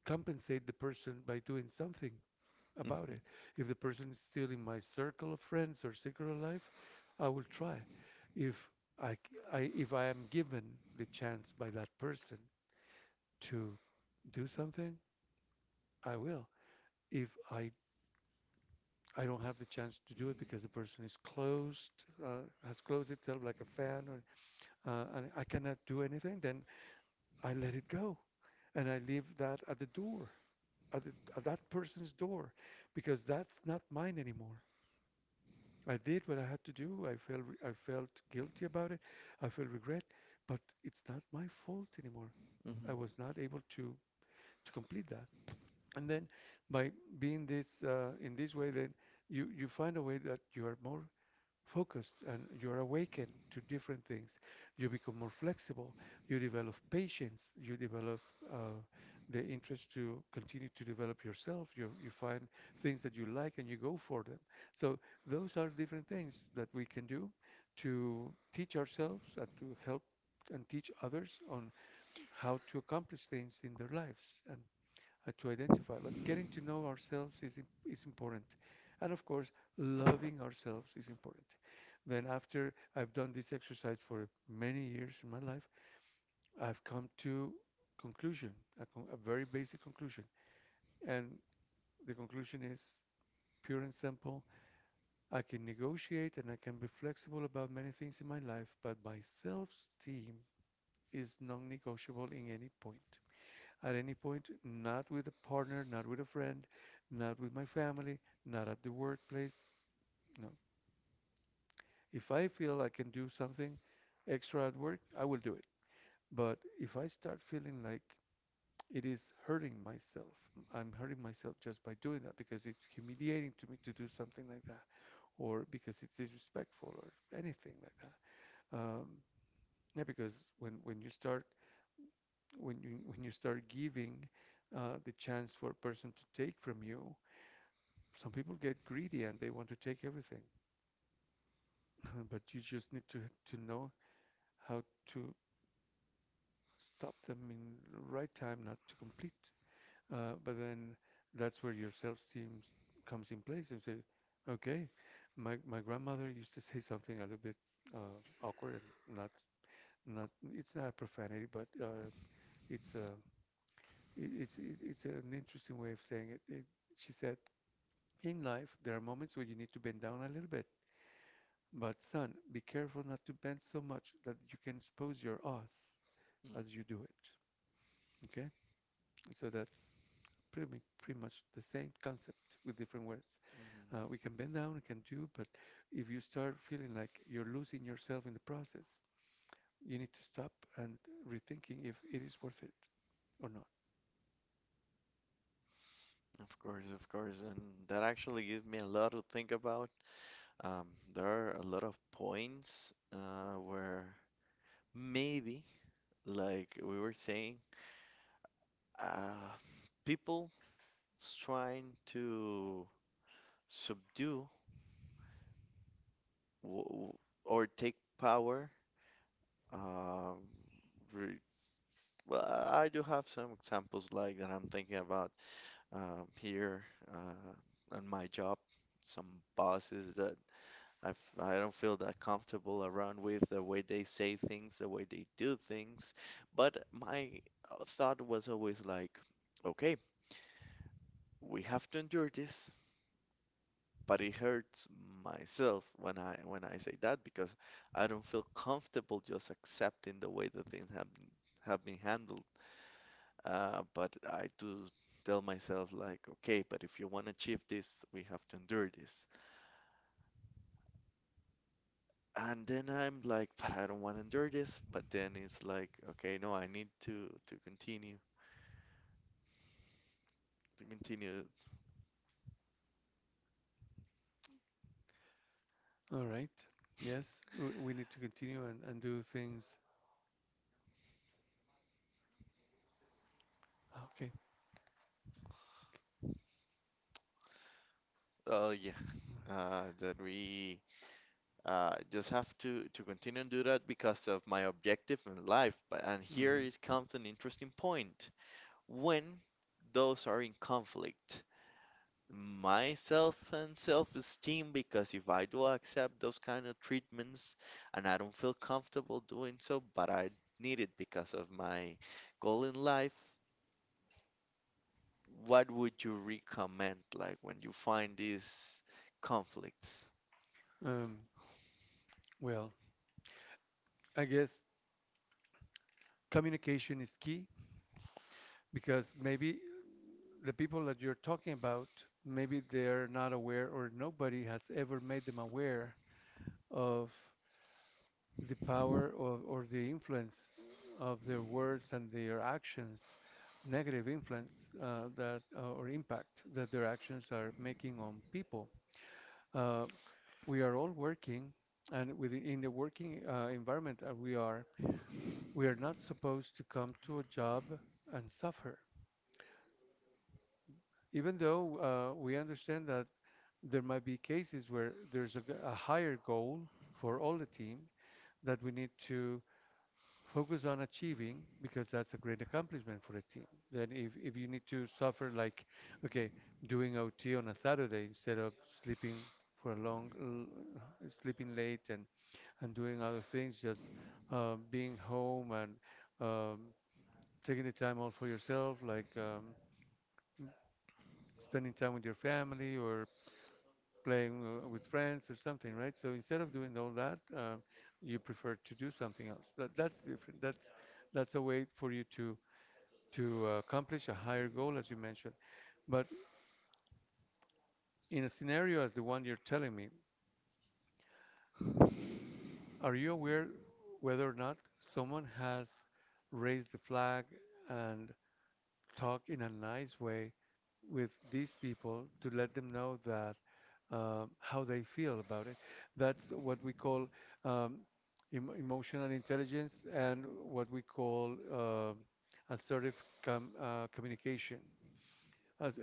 Speaker 1: compensate the person by doing something
Speaker 2: mhm,
Speaker 1: about
Speaker 2: mhm,
Speaker 1: it? If the person is still in my circle of friends or circle of life, I will try. If I if I am given the chance by that person to do something, I will. If I don't have the chance to do it because the person is closed, has closed itself like a fan or and I cannot do anything, then I let it go. And I leave that at the door, at that person's door, because that's not mine anymore. I did what I had to do. I felt guilty about it. I felt regret, but it's not my fault anymore. I was not able to complete that. And then by being this in this way, then you find a way that you are more focused and you're awakened to different things. You become more flexible. You develop patience. You develop uh, the interest to continue to develop yourself. You find things that you like and you go for them. So those are different things that we can do to teach ourselves and to help and teach others on how to accomplish things in their lives. And to identify, but getting to know ourselves is important. And of course, loving ourselves is important. Then, after I've done this exercise for many years in my life, I've come to conclusion, a very basic conclusion. And the conclusion is pure and simple. I can negotiate and I can be flexible about many things in my life, but my self-esteem is non-negotiable in any point. At any point, not with a partner, not with a friend, not with my family, not at the workplace. No. If I feel I can do something extra at work, I will do it. But if I start feeling like it is hurting myself, I'm hurting myself just by doing that because it's humiliating to me to do something like that, or because it's disrespectful, or anything like that. Um, yeah, because when you start giving the chance for a person to take from you, some people get greedy and they want to take everything, but you just need to know how to stop them in the right time, not to complete. But then that's where your self-esteem comes in place and say, okay, my grandmother used to say something a little bit uh, awkward and not, it's not a profanity, but it's a it, it's an interesting way of saying it. She said, in life, there are moments where you need to bend down a little bit. But son, be careful not to bend so much that you can expose your ass
Speaker 2: mhm, mhm.
Speaker 1: as you do it. Okay? So that's pretty, pretty much the same concept with different words. We can bend down, we can do, but if you start feeling like you're losing yourself in the process, you need to stop and rethinking if it is worth it or not.
Speaker 2: Of course, and that actually gives me a lot to think about. Um, there are a lot of points where maybe, like we were saying, uh, people trying to subdue w w- or take power. Um, re well, I do have some examples like that I'm thinking about here on my job. Some bosses that I don't feel that comfortable around with the way they say things, the way they do things. But my thought was always like, okay, we have to endure this. But it hurts myself when I say that because I don't feel comfortable just accepting the way the things have been handled. But I do tell myself like, okay, but if you want to achieve this, we have to endure this. And then I'm like, but I don't want to endure this. But then it's like, okay, no, I need to continue to continue.
Speaker 1: All right. Yes, we need to continue and do things. Okay.
Speaker 2: Oh yeah, that we just have to continue and do that because of my objective in life. But and here
Speaker 1: Mhm.
Speaker 2: it comes an interesting point when those are in conflict. My self and self-esteem, because if I do accept those kind of treatments and I don't feel comfortable doing so, but I need it because of my goal in life, what would you recommend like when you find these conflicts?
Speaker 1: Um, well, I guess communication is key because maybe the people that you're talking about, maybe they're not aware or nobody has ever made them aware of the power of, or the influence of their words and their actions, negative influence that or impact that their actions are making on people. Uh, we are all working, and within in the working environment that we are not supposed to come to a job and suffer. Even though we understand that there might be cases where there's a higher goal for all the team that we need to focus on achieving because that's a great accomplishment for a team. Then if you need to suffer, like, okay, doing OT on a Saturday instead of sleeping for a long, l- sleeping late, and doing other things, just being home and um, taking the time out for yourself, like, spending time with your family or playing with friends or something, right? So instead of doing all that, you prefer to do something else. That's different. That's a way for you to accomplish a higher goal, as you mentioned. But in a scenario as the one you're telling me, are you aware whether or not someone has raised the flag and talked in a nice way with these people to let them know that, how they feel about it? That's what we call, um, emotional intelligence, and what we call assertive communication.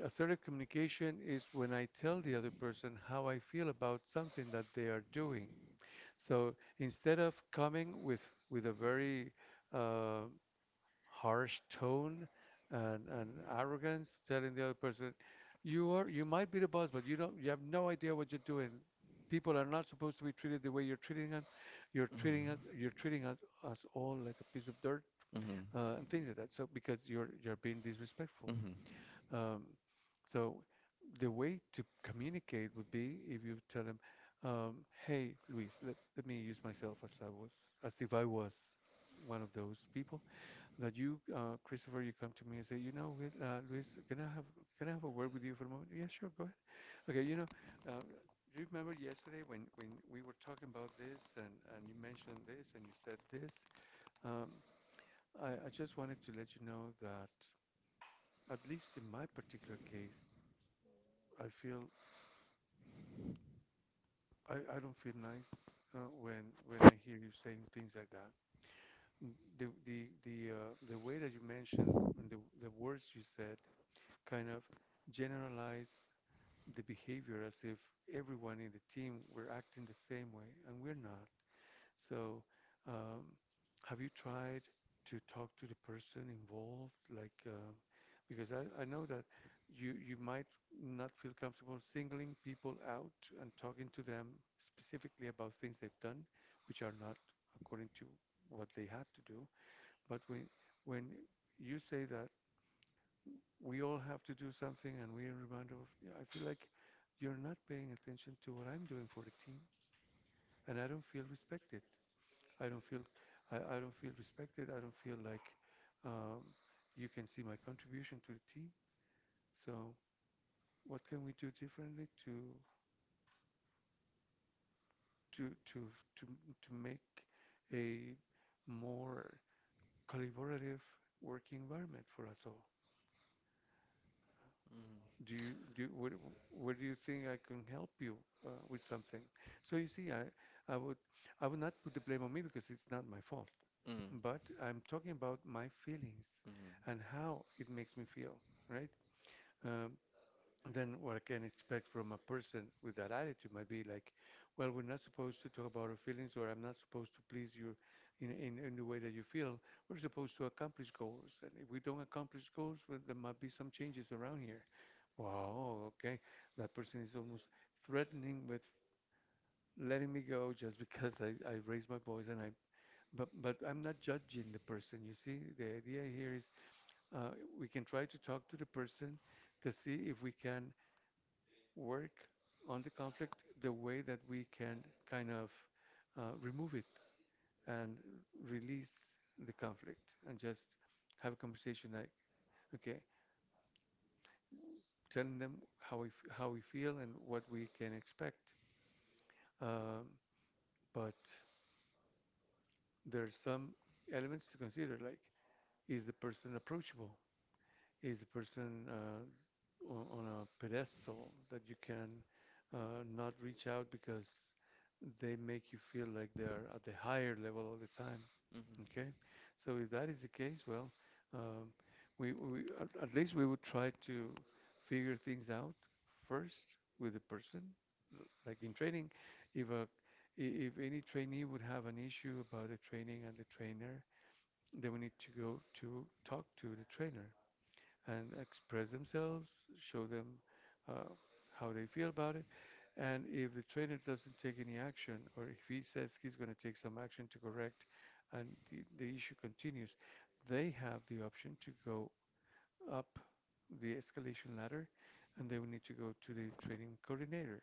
Speaker 1: Assertive communication is when I tell the other person how I feel about something that they are doing. So instead of coming with a very uh, harsh tone and arrogance, telling the other person, you are you might be the boss, but you have no idea what you're doing. People are not supposed to be treated the way you're treating us.
Speaker 2: Mm-hmm.
Speaker 1: You're treating us, us all like a piece of dirt,
Speaker 2: Mm-hmm.
Speaker 1: and things like that. So because you're being disrespectful.
Speaker 2: Mm-hmm.
Speaker 1: Um, so the way to communicate would be if you tell him, "Hey, Luis, let me use myself as I was, as if I was one of those people that you, Christopher, you come to me and say, you know, what, Luis, can I have a word with you for a moment? Yeah, sure, go ahead. Okay, you know, uh, do you remember yesterday when we were talking about this, and you mentioned this and you said this? Um, I just wanted to let you know that at least in my particular case." I feel, I don't feel nice when I hear you saying things like that. The way that you mentioned and the words you said kind of generalize the behavior as if everyone in the team were acting the same way, and we're not. So, um, have you tried to talk to the person involved? Like, because I know that you might not feel comfortable singling people out and talking to them specifically about things they've done, which are not according to what they had to do. But when when you say that we all have to do something and we are reminded of, yeah, I feel like you're not paying attention to what I'm doing for the team, and I don't feel respected. I don't feel, I don't feel respected. I don't feel like, um, you can see my contribution to the team. So what can we do differently to to to make a more collaborative working environment for us all? Do you- what do you think I can help you with something? So you see, I would I would not put the blame on me because it's not my fault.
Speaker 2: Mm-hmm.
Speaker 1: But I'm talking about my feelings and how it makes me feel, right? Um, then what I can expect from a person with that attitude might be like, well, we're not supposed to talk about our feelings, or I'm not supposed to please you in the way that you feel. We're supposed to accomplish goals. And if we don't accomplish goals, well, there might be some changes around here. Wow, okay. That person is almost threatening with letting me go just because I raised my voice and I, but I'm not judging the person. You see, the idea here is, uh, we can try to talk to the person to see if we can work on the conflict the way that we can kind of remove it and release the conflict and just have a conversation like, okay, telling them how we feel and what we can expect. Um, but there's some elements to consider, like, is the person approachable? Is the person on a pedestal that you can not reach out, because they make you feel like they're at the higher level all the time.
Speaker 2: Mm-hmm.
Speaker 1: Okay,
Speaker 2: Mm-hmm.
Speaker 1: so if that is the case, well, um, we at least we would try to figure things out first with the person. Like in training, if a I- if any trainee would have an issue about the training and the trainer, then we need to go to talk to the trainer and express themselves, show them uh, how they feel about it. And if the trainer doesn't take any action, or if he says he's going to take some action to correct, and the issue continues, they have the option to go up the escalation ladder, and they will need to go to the training coordinator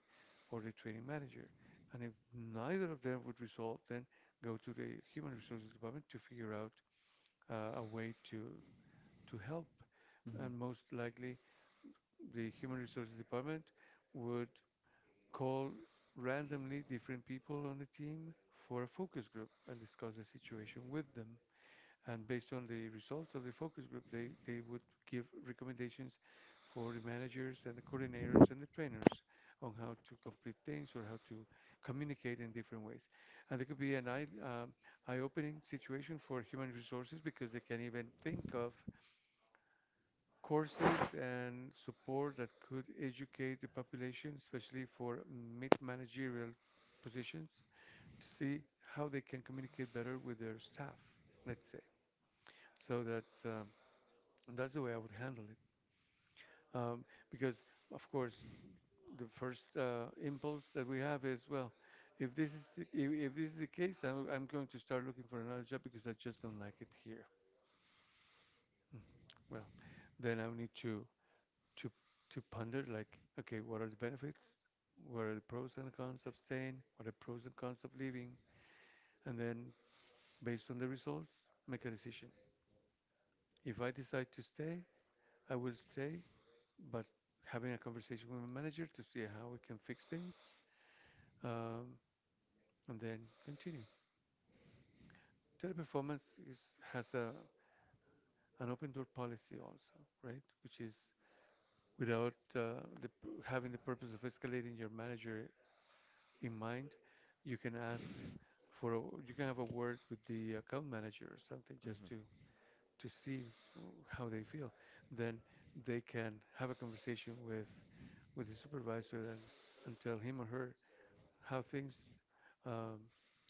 Speaker 1: or the training manager. And if neither of them would resolve, then go to the human resources department to figure out a way to help.
Speaker 2: Mm-hmm.
Speaker 1: And most likely, the human resources department would call randomly different people on the team for a focus group and discuss the situation with them. And based on the results of the focus group, they would give recommendations for the managers and the coordinators and the trainers on how to complete things or how to communicate in different ways. And it could be an eye-opening situation for human resources, because they can even think of courses and support that could educate the population, especially for mid managerial positions, to see how they can communicate better with their staff, let's say. So that's the way I would handle it. Um, because, of course, the first impulse that we have is, well, if this is the, if this is the case, I'm going to start looking for another job because I just don't like it here. Mm. Well, then I need to to ponder like, okay, what are the benefits? What are the pros and cons of staying? What are the pros and cons of leaving? And then, based on the results, make a decision. If I decide to stay, I will stay, but having a conversation with my manager to see how we can fix things, um, and then continue. Teleperformance is, has a an open door policy also, right? Which is without having the purpose of escalating your manager in mind, you can ask for a, you can have a word with the account manager or something
Speaker 2: Mm-hmm.
Speaker 1: just to see how they feel. Then they can have a conversation with the supervisor and tell him or her how things, um,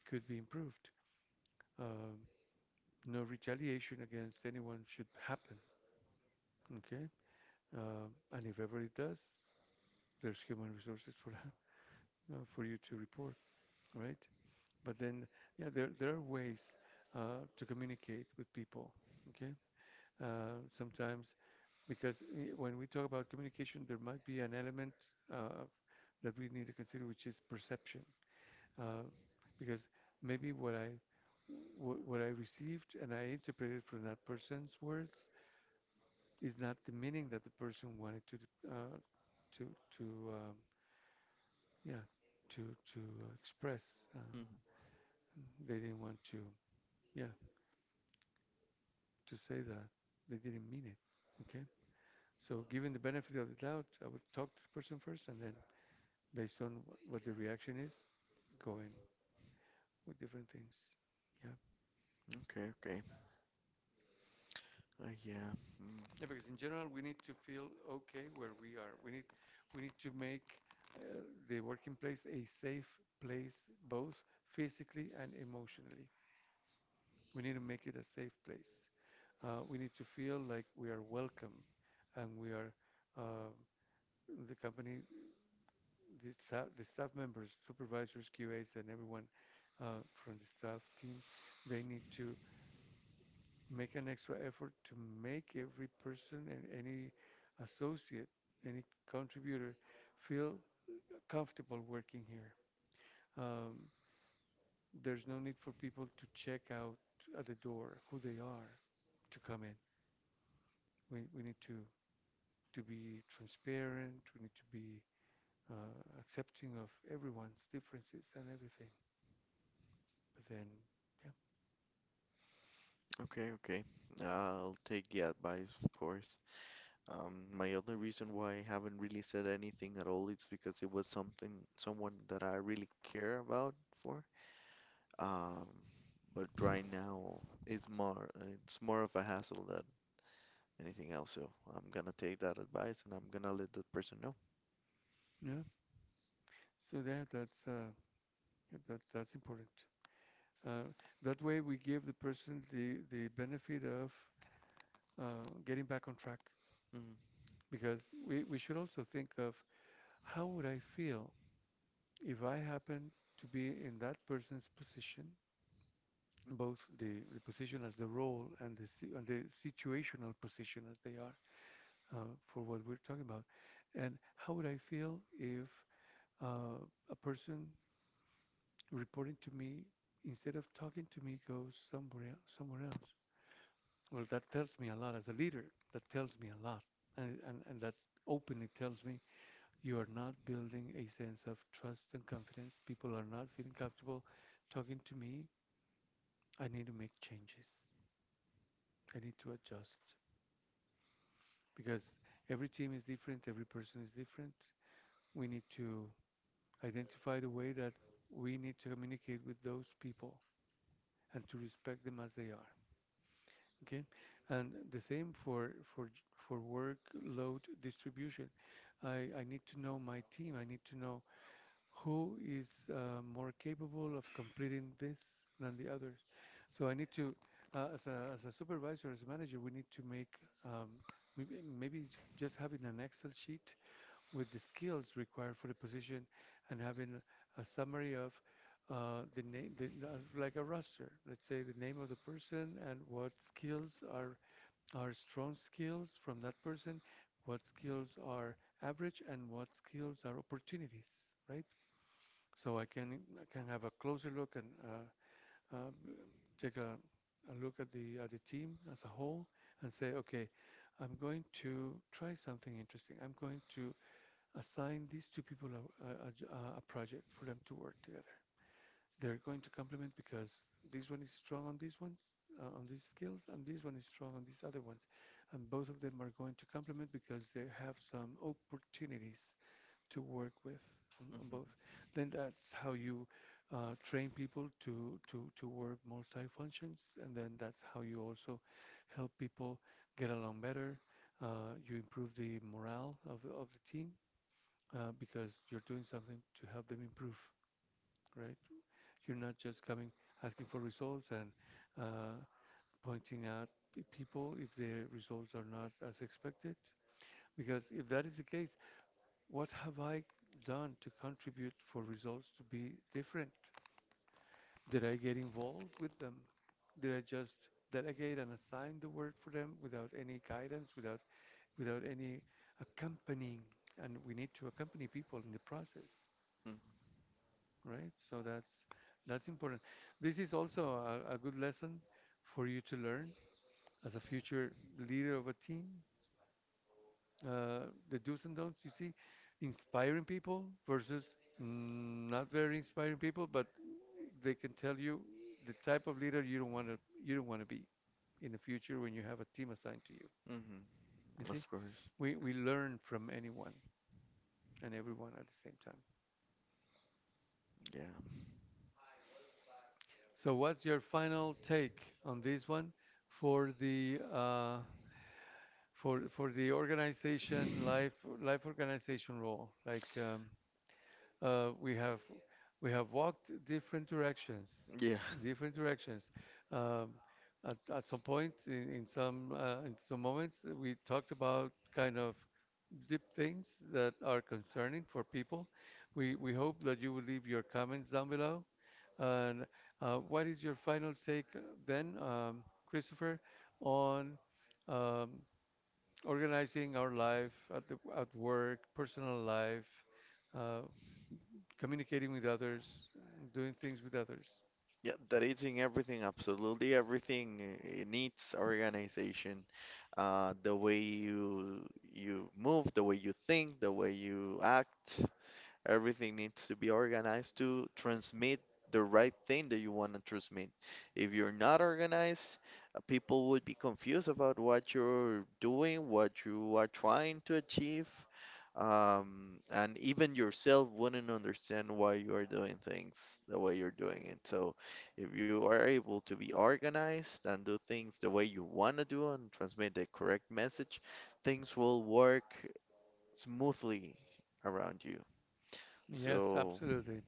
Speaker 1: could be improved. Um, no retaliation against anyone should happen. Okay, and if ever it does, there's human resources for that, for you to report. All right. But then, yeah, there are ways to communicate with people. Okay, sometimes, when we talk about communication, there might be an element uh, that we need to consider, which is perception, uh, because maybe what I received and I interpreted from that person's words is not the meaning that the person wanted to d- to to um, yeah to express. Uh,
Speaker 2: Mm-hmm.
Speaker 1: they didn't want to, yeah to say that. They didn't mean it. Okay. So, given the benefit of the doubt, I would talk to the person first and then, based on what the reaction is, going with different things. Yeah.
Speaker 2: Okay, okay. Yeah. Mm.
Speaker 1: Yeah, because in general, we need to feel okay where we are. We need to make uh, the working place a safe place, both physically and emotionally. We need to make it a safe place. We need to feel like we are welcome and we are, uh, the company the staff members, supervisors, QAs, and everyone from the staff team, they need to make an extra effort to make every person and any associate, any contributor feel comfortable working here. Um, there's no need for people to check out at the door who they are to come in. We need to be transparent, we need to be accepting of everyone's differences and everything. But then, yeah.
Speaker 2: Okay, okay. I'll take the advice, of course. My only reason why I haven't really said anything at all is because it was something, someone that I really care about for. Um, but right now it's more, it's more of a hassle than anything else. So I'm gonna take that advice and I'm gonna let that person know.
Speaker 1: Yeah. So yeah, that's yeah, that's important. Uh, that way we give the person the benefit of getting back on track
Speaker 2: Hmm.
Speaker 1: because we should also think of how would I feel if I happen to be in that person's position, both the position as the role and the situational position as they are, for what we're talking about, and how would I feel if a person reporting to me instead of talking to me goes somewhere else. Well, that tells me a lot as a leader. That tells me a lot, and that openly tells me you are not building a sense of trust and confidence. People are not feeling comfortable talking to me. I need to make changes. I need to adjust, because every team is different, every person is different. We need to identify the way that we need to communicate with those people and to respect them as they are. Okay, and the same for for workload distribution. I need to know my team. I need to know who is more capable of completing this than the others. So I need to, as a supervisor, as a manager, we need to make, um, maybe just having an Excel sheet with the skills required for the position, and having a summary of the name, like a roster. Let's say the name of the person and what skills are strong skills from that person, what skills are average, and what skills are opportunities, right? So I can have a closer look and, uh, take a look at the team as a whole and say, okay, I'm going to try something interesting. I'm going to assign these two people a project for them to work together. They're going to complement because this one is strong on these ones, on these skills, and this one is strong on these other ones. And both of them are going to complement because they have some opportunities to work with on both.
Speaker 2: Hmm.
Speaker 1: Then that's how you train people to work multi-functions, and then that's how you also help people get along better. You improve the morale of the team, because you're doing something to help them improve, right? You're not just coming asking for results and, uh, pointing out people if their results are not as expected. Because if that is the case, what have I done to contribute for results to be different? Did I get involved with them? Did I just delegate and assign the work for them without any guidance, without without any accompanying? And we need to accompany people in the process.
Speaker 2: Hmm.
Speaker 1: Right? So that's important. This is also a good lesson for you to learn as a future leader of a team. The do's and don'ts, you see, inspiring people versus not very inspiring people, but they can tell you the type of leader you don't want to you don't want to be in the future when you have a team assigned to you.
Speaker 2: Hmm.
Speaker 1: You see,
Speaker 2: Of course.
Speaker 1: we learn from anyone and everyone at the same time.
Speaker 2: Yeah.
Speaker 1: So what's your final take on this one for the, for the organization life life organization role? Like, uh, we have we have walked different directions,
Speaker 2: Yeah.
Speaker 1: different directions. Um, at some point in some moments we talked about kind of deep things that are concerning for people. We hope that you will leave your comments down below. And what is your final take, Christopher, on, um, organizing our life at, the, at work, personal life, uh, communicating with others, doing things with others?
Speaker 2: Yeah, that is in everything, absolutely everything. It needs organization. The way you move, the way you think, the way you act, everything needs to be organized to transmit the right thing that you want to transmit. If you're not organized, people would be confused about what you're doing, what you are trying to achieve, and even yourself wouldn't understand why you are doing things the way you're doing it. So, if you are able to be organized and do things the way you want to do and transmit the correct message, things will work smoothly around you.
Speaker 1: Yes,
Speaker 2: So
Speaker 1: absolutely,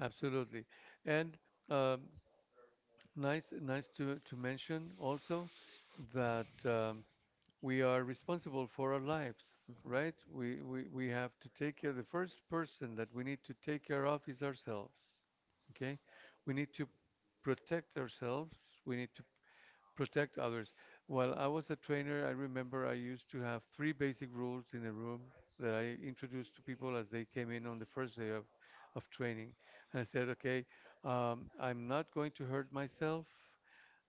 Speaker 1: absolutely. And, um, nice, nice to mention also that. We are responsible for our lives, right? We have to take care, the first person that we need to take care of is ourselves, okay? We need to protect ourselves, we need to protect others. While I was a trainer, I remember I used to have three basic rules in the room that I introduced to people as they came in on the first day of training. And I said, okay, I'm not going to hurt myself.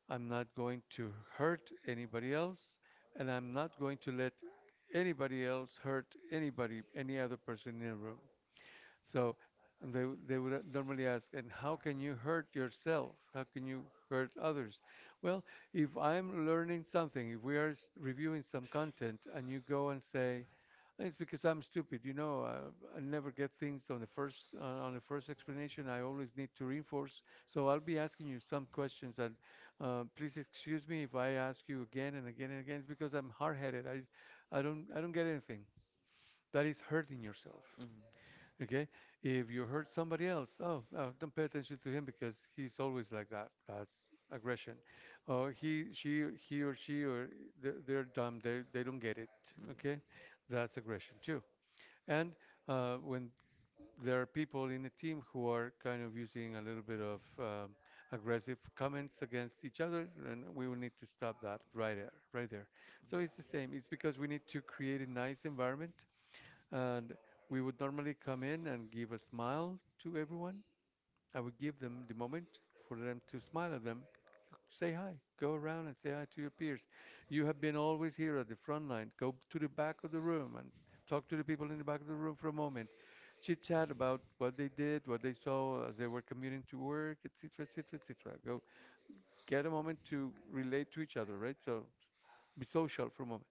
Speaker 1: I'm not going to hurt anybody else, and I'm not going to let anybody else hurt anybody, any other person in the room. So they would normally ask, and how can you hurt yourself? How can you hurt others? Well, if I'm learning something, if we are reviewing some content and you go and say, it's because I'm stupid, you know. I never get things on the first explanation. I always need to reinforce. So I'll be asking you some questions. And, please excuse me if I ask you again and again and again. It's because I'm hard-headed. I, I don't get anything. That is hurting yourself.
Speaker 2: mhm.
Speaker 1: Okay? If you hurt somebody else, oh, oh, don't pay attention to him because he's always like that. That's aggression. Or he she he or she or they're dumb. They don't get it.
Speaker 2: Mhm.
Speaker 1: Okay? That's aggression too. And, when there are people in the team who are kind of using a little bit of, aggressive comments against each other, and we will need to stop that right there, right there. So it's the same. It's because we need to create a nice environment, and we would normally come in and give a smile to everyone. I would give them the moment for them to smile at them. Say hi. Go around and say hi to your peers. You have been always here at the front line. Go to the back of the room and talk to the people in the back of the room for a moment. Chit chat about what they did, what they saw as they were commuting to work, et et cetera, et cetera, et cetera. Go get a moment to relate to each other, right? So be social for a moment.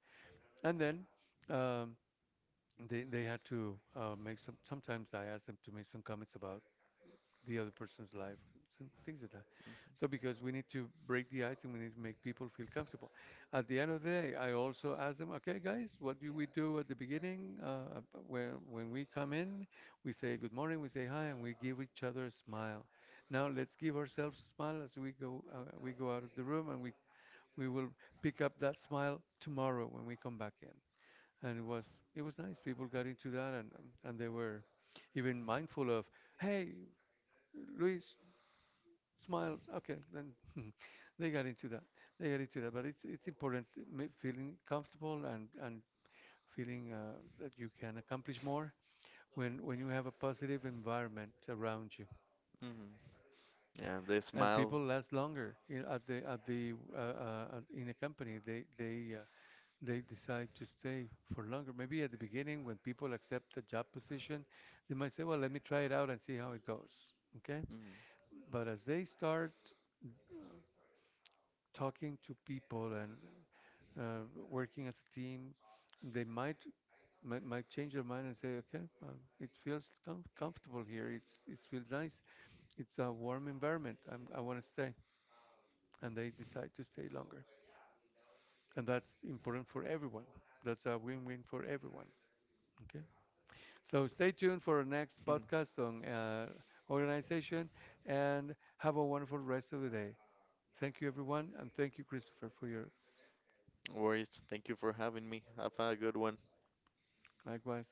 Speaker 1: And then, um, they had to make some. Sometimes I asked them to make some comments about the other person's life, some things like that. So because we need to break the ice and we need to make people feel comfortable. At the end of the day, I also ask them, okay, guys, what do we do at the beginning? Where when we come in, we say good morning, we say hi, and we give each other a smile. Now let's give ourselves a smile as we go, we go out of the room, and we will pick up that smile tomorrow when we come back in. And it was nice. People got into that, and they were even mindful of, hey, Luis, smile. Okay, then they got into that. They got into that. But it's important feeling comfortable and feeling that you can accomplish more when you have a positive environment around you.
Speaker 2: Mhm. Mhm. Yeah, they
Speaker 1: And
Speaker 2: smile.
Speaker 1: people last longer in, at the in a company. They decide to stay for longer. Maybe at the beginning, when people accept a job position, they might say, "Well, let me try it out and see how it goes." Okay,
Speaker 2: Mhm.
Speaker 1: but as they start talking to people and, uh, working as a team, they might might change their mind and say, okay, it feels comfortable here. It's it feels nice. It's a warm environment. I'm, I want to stay, and they decide to stay longer. And that's important for everyone. That's a win-win for everyone. Okay. So stay tuned for our next
Speaker 2: No
Speaker 1: podcast on, organization, and have a wonderful rest of the day. Thank you, everyone, and thank you, Christopher, for your
Speaker 2: worries. Thank you for having me. Have a good one.
Speaker 1: likewise.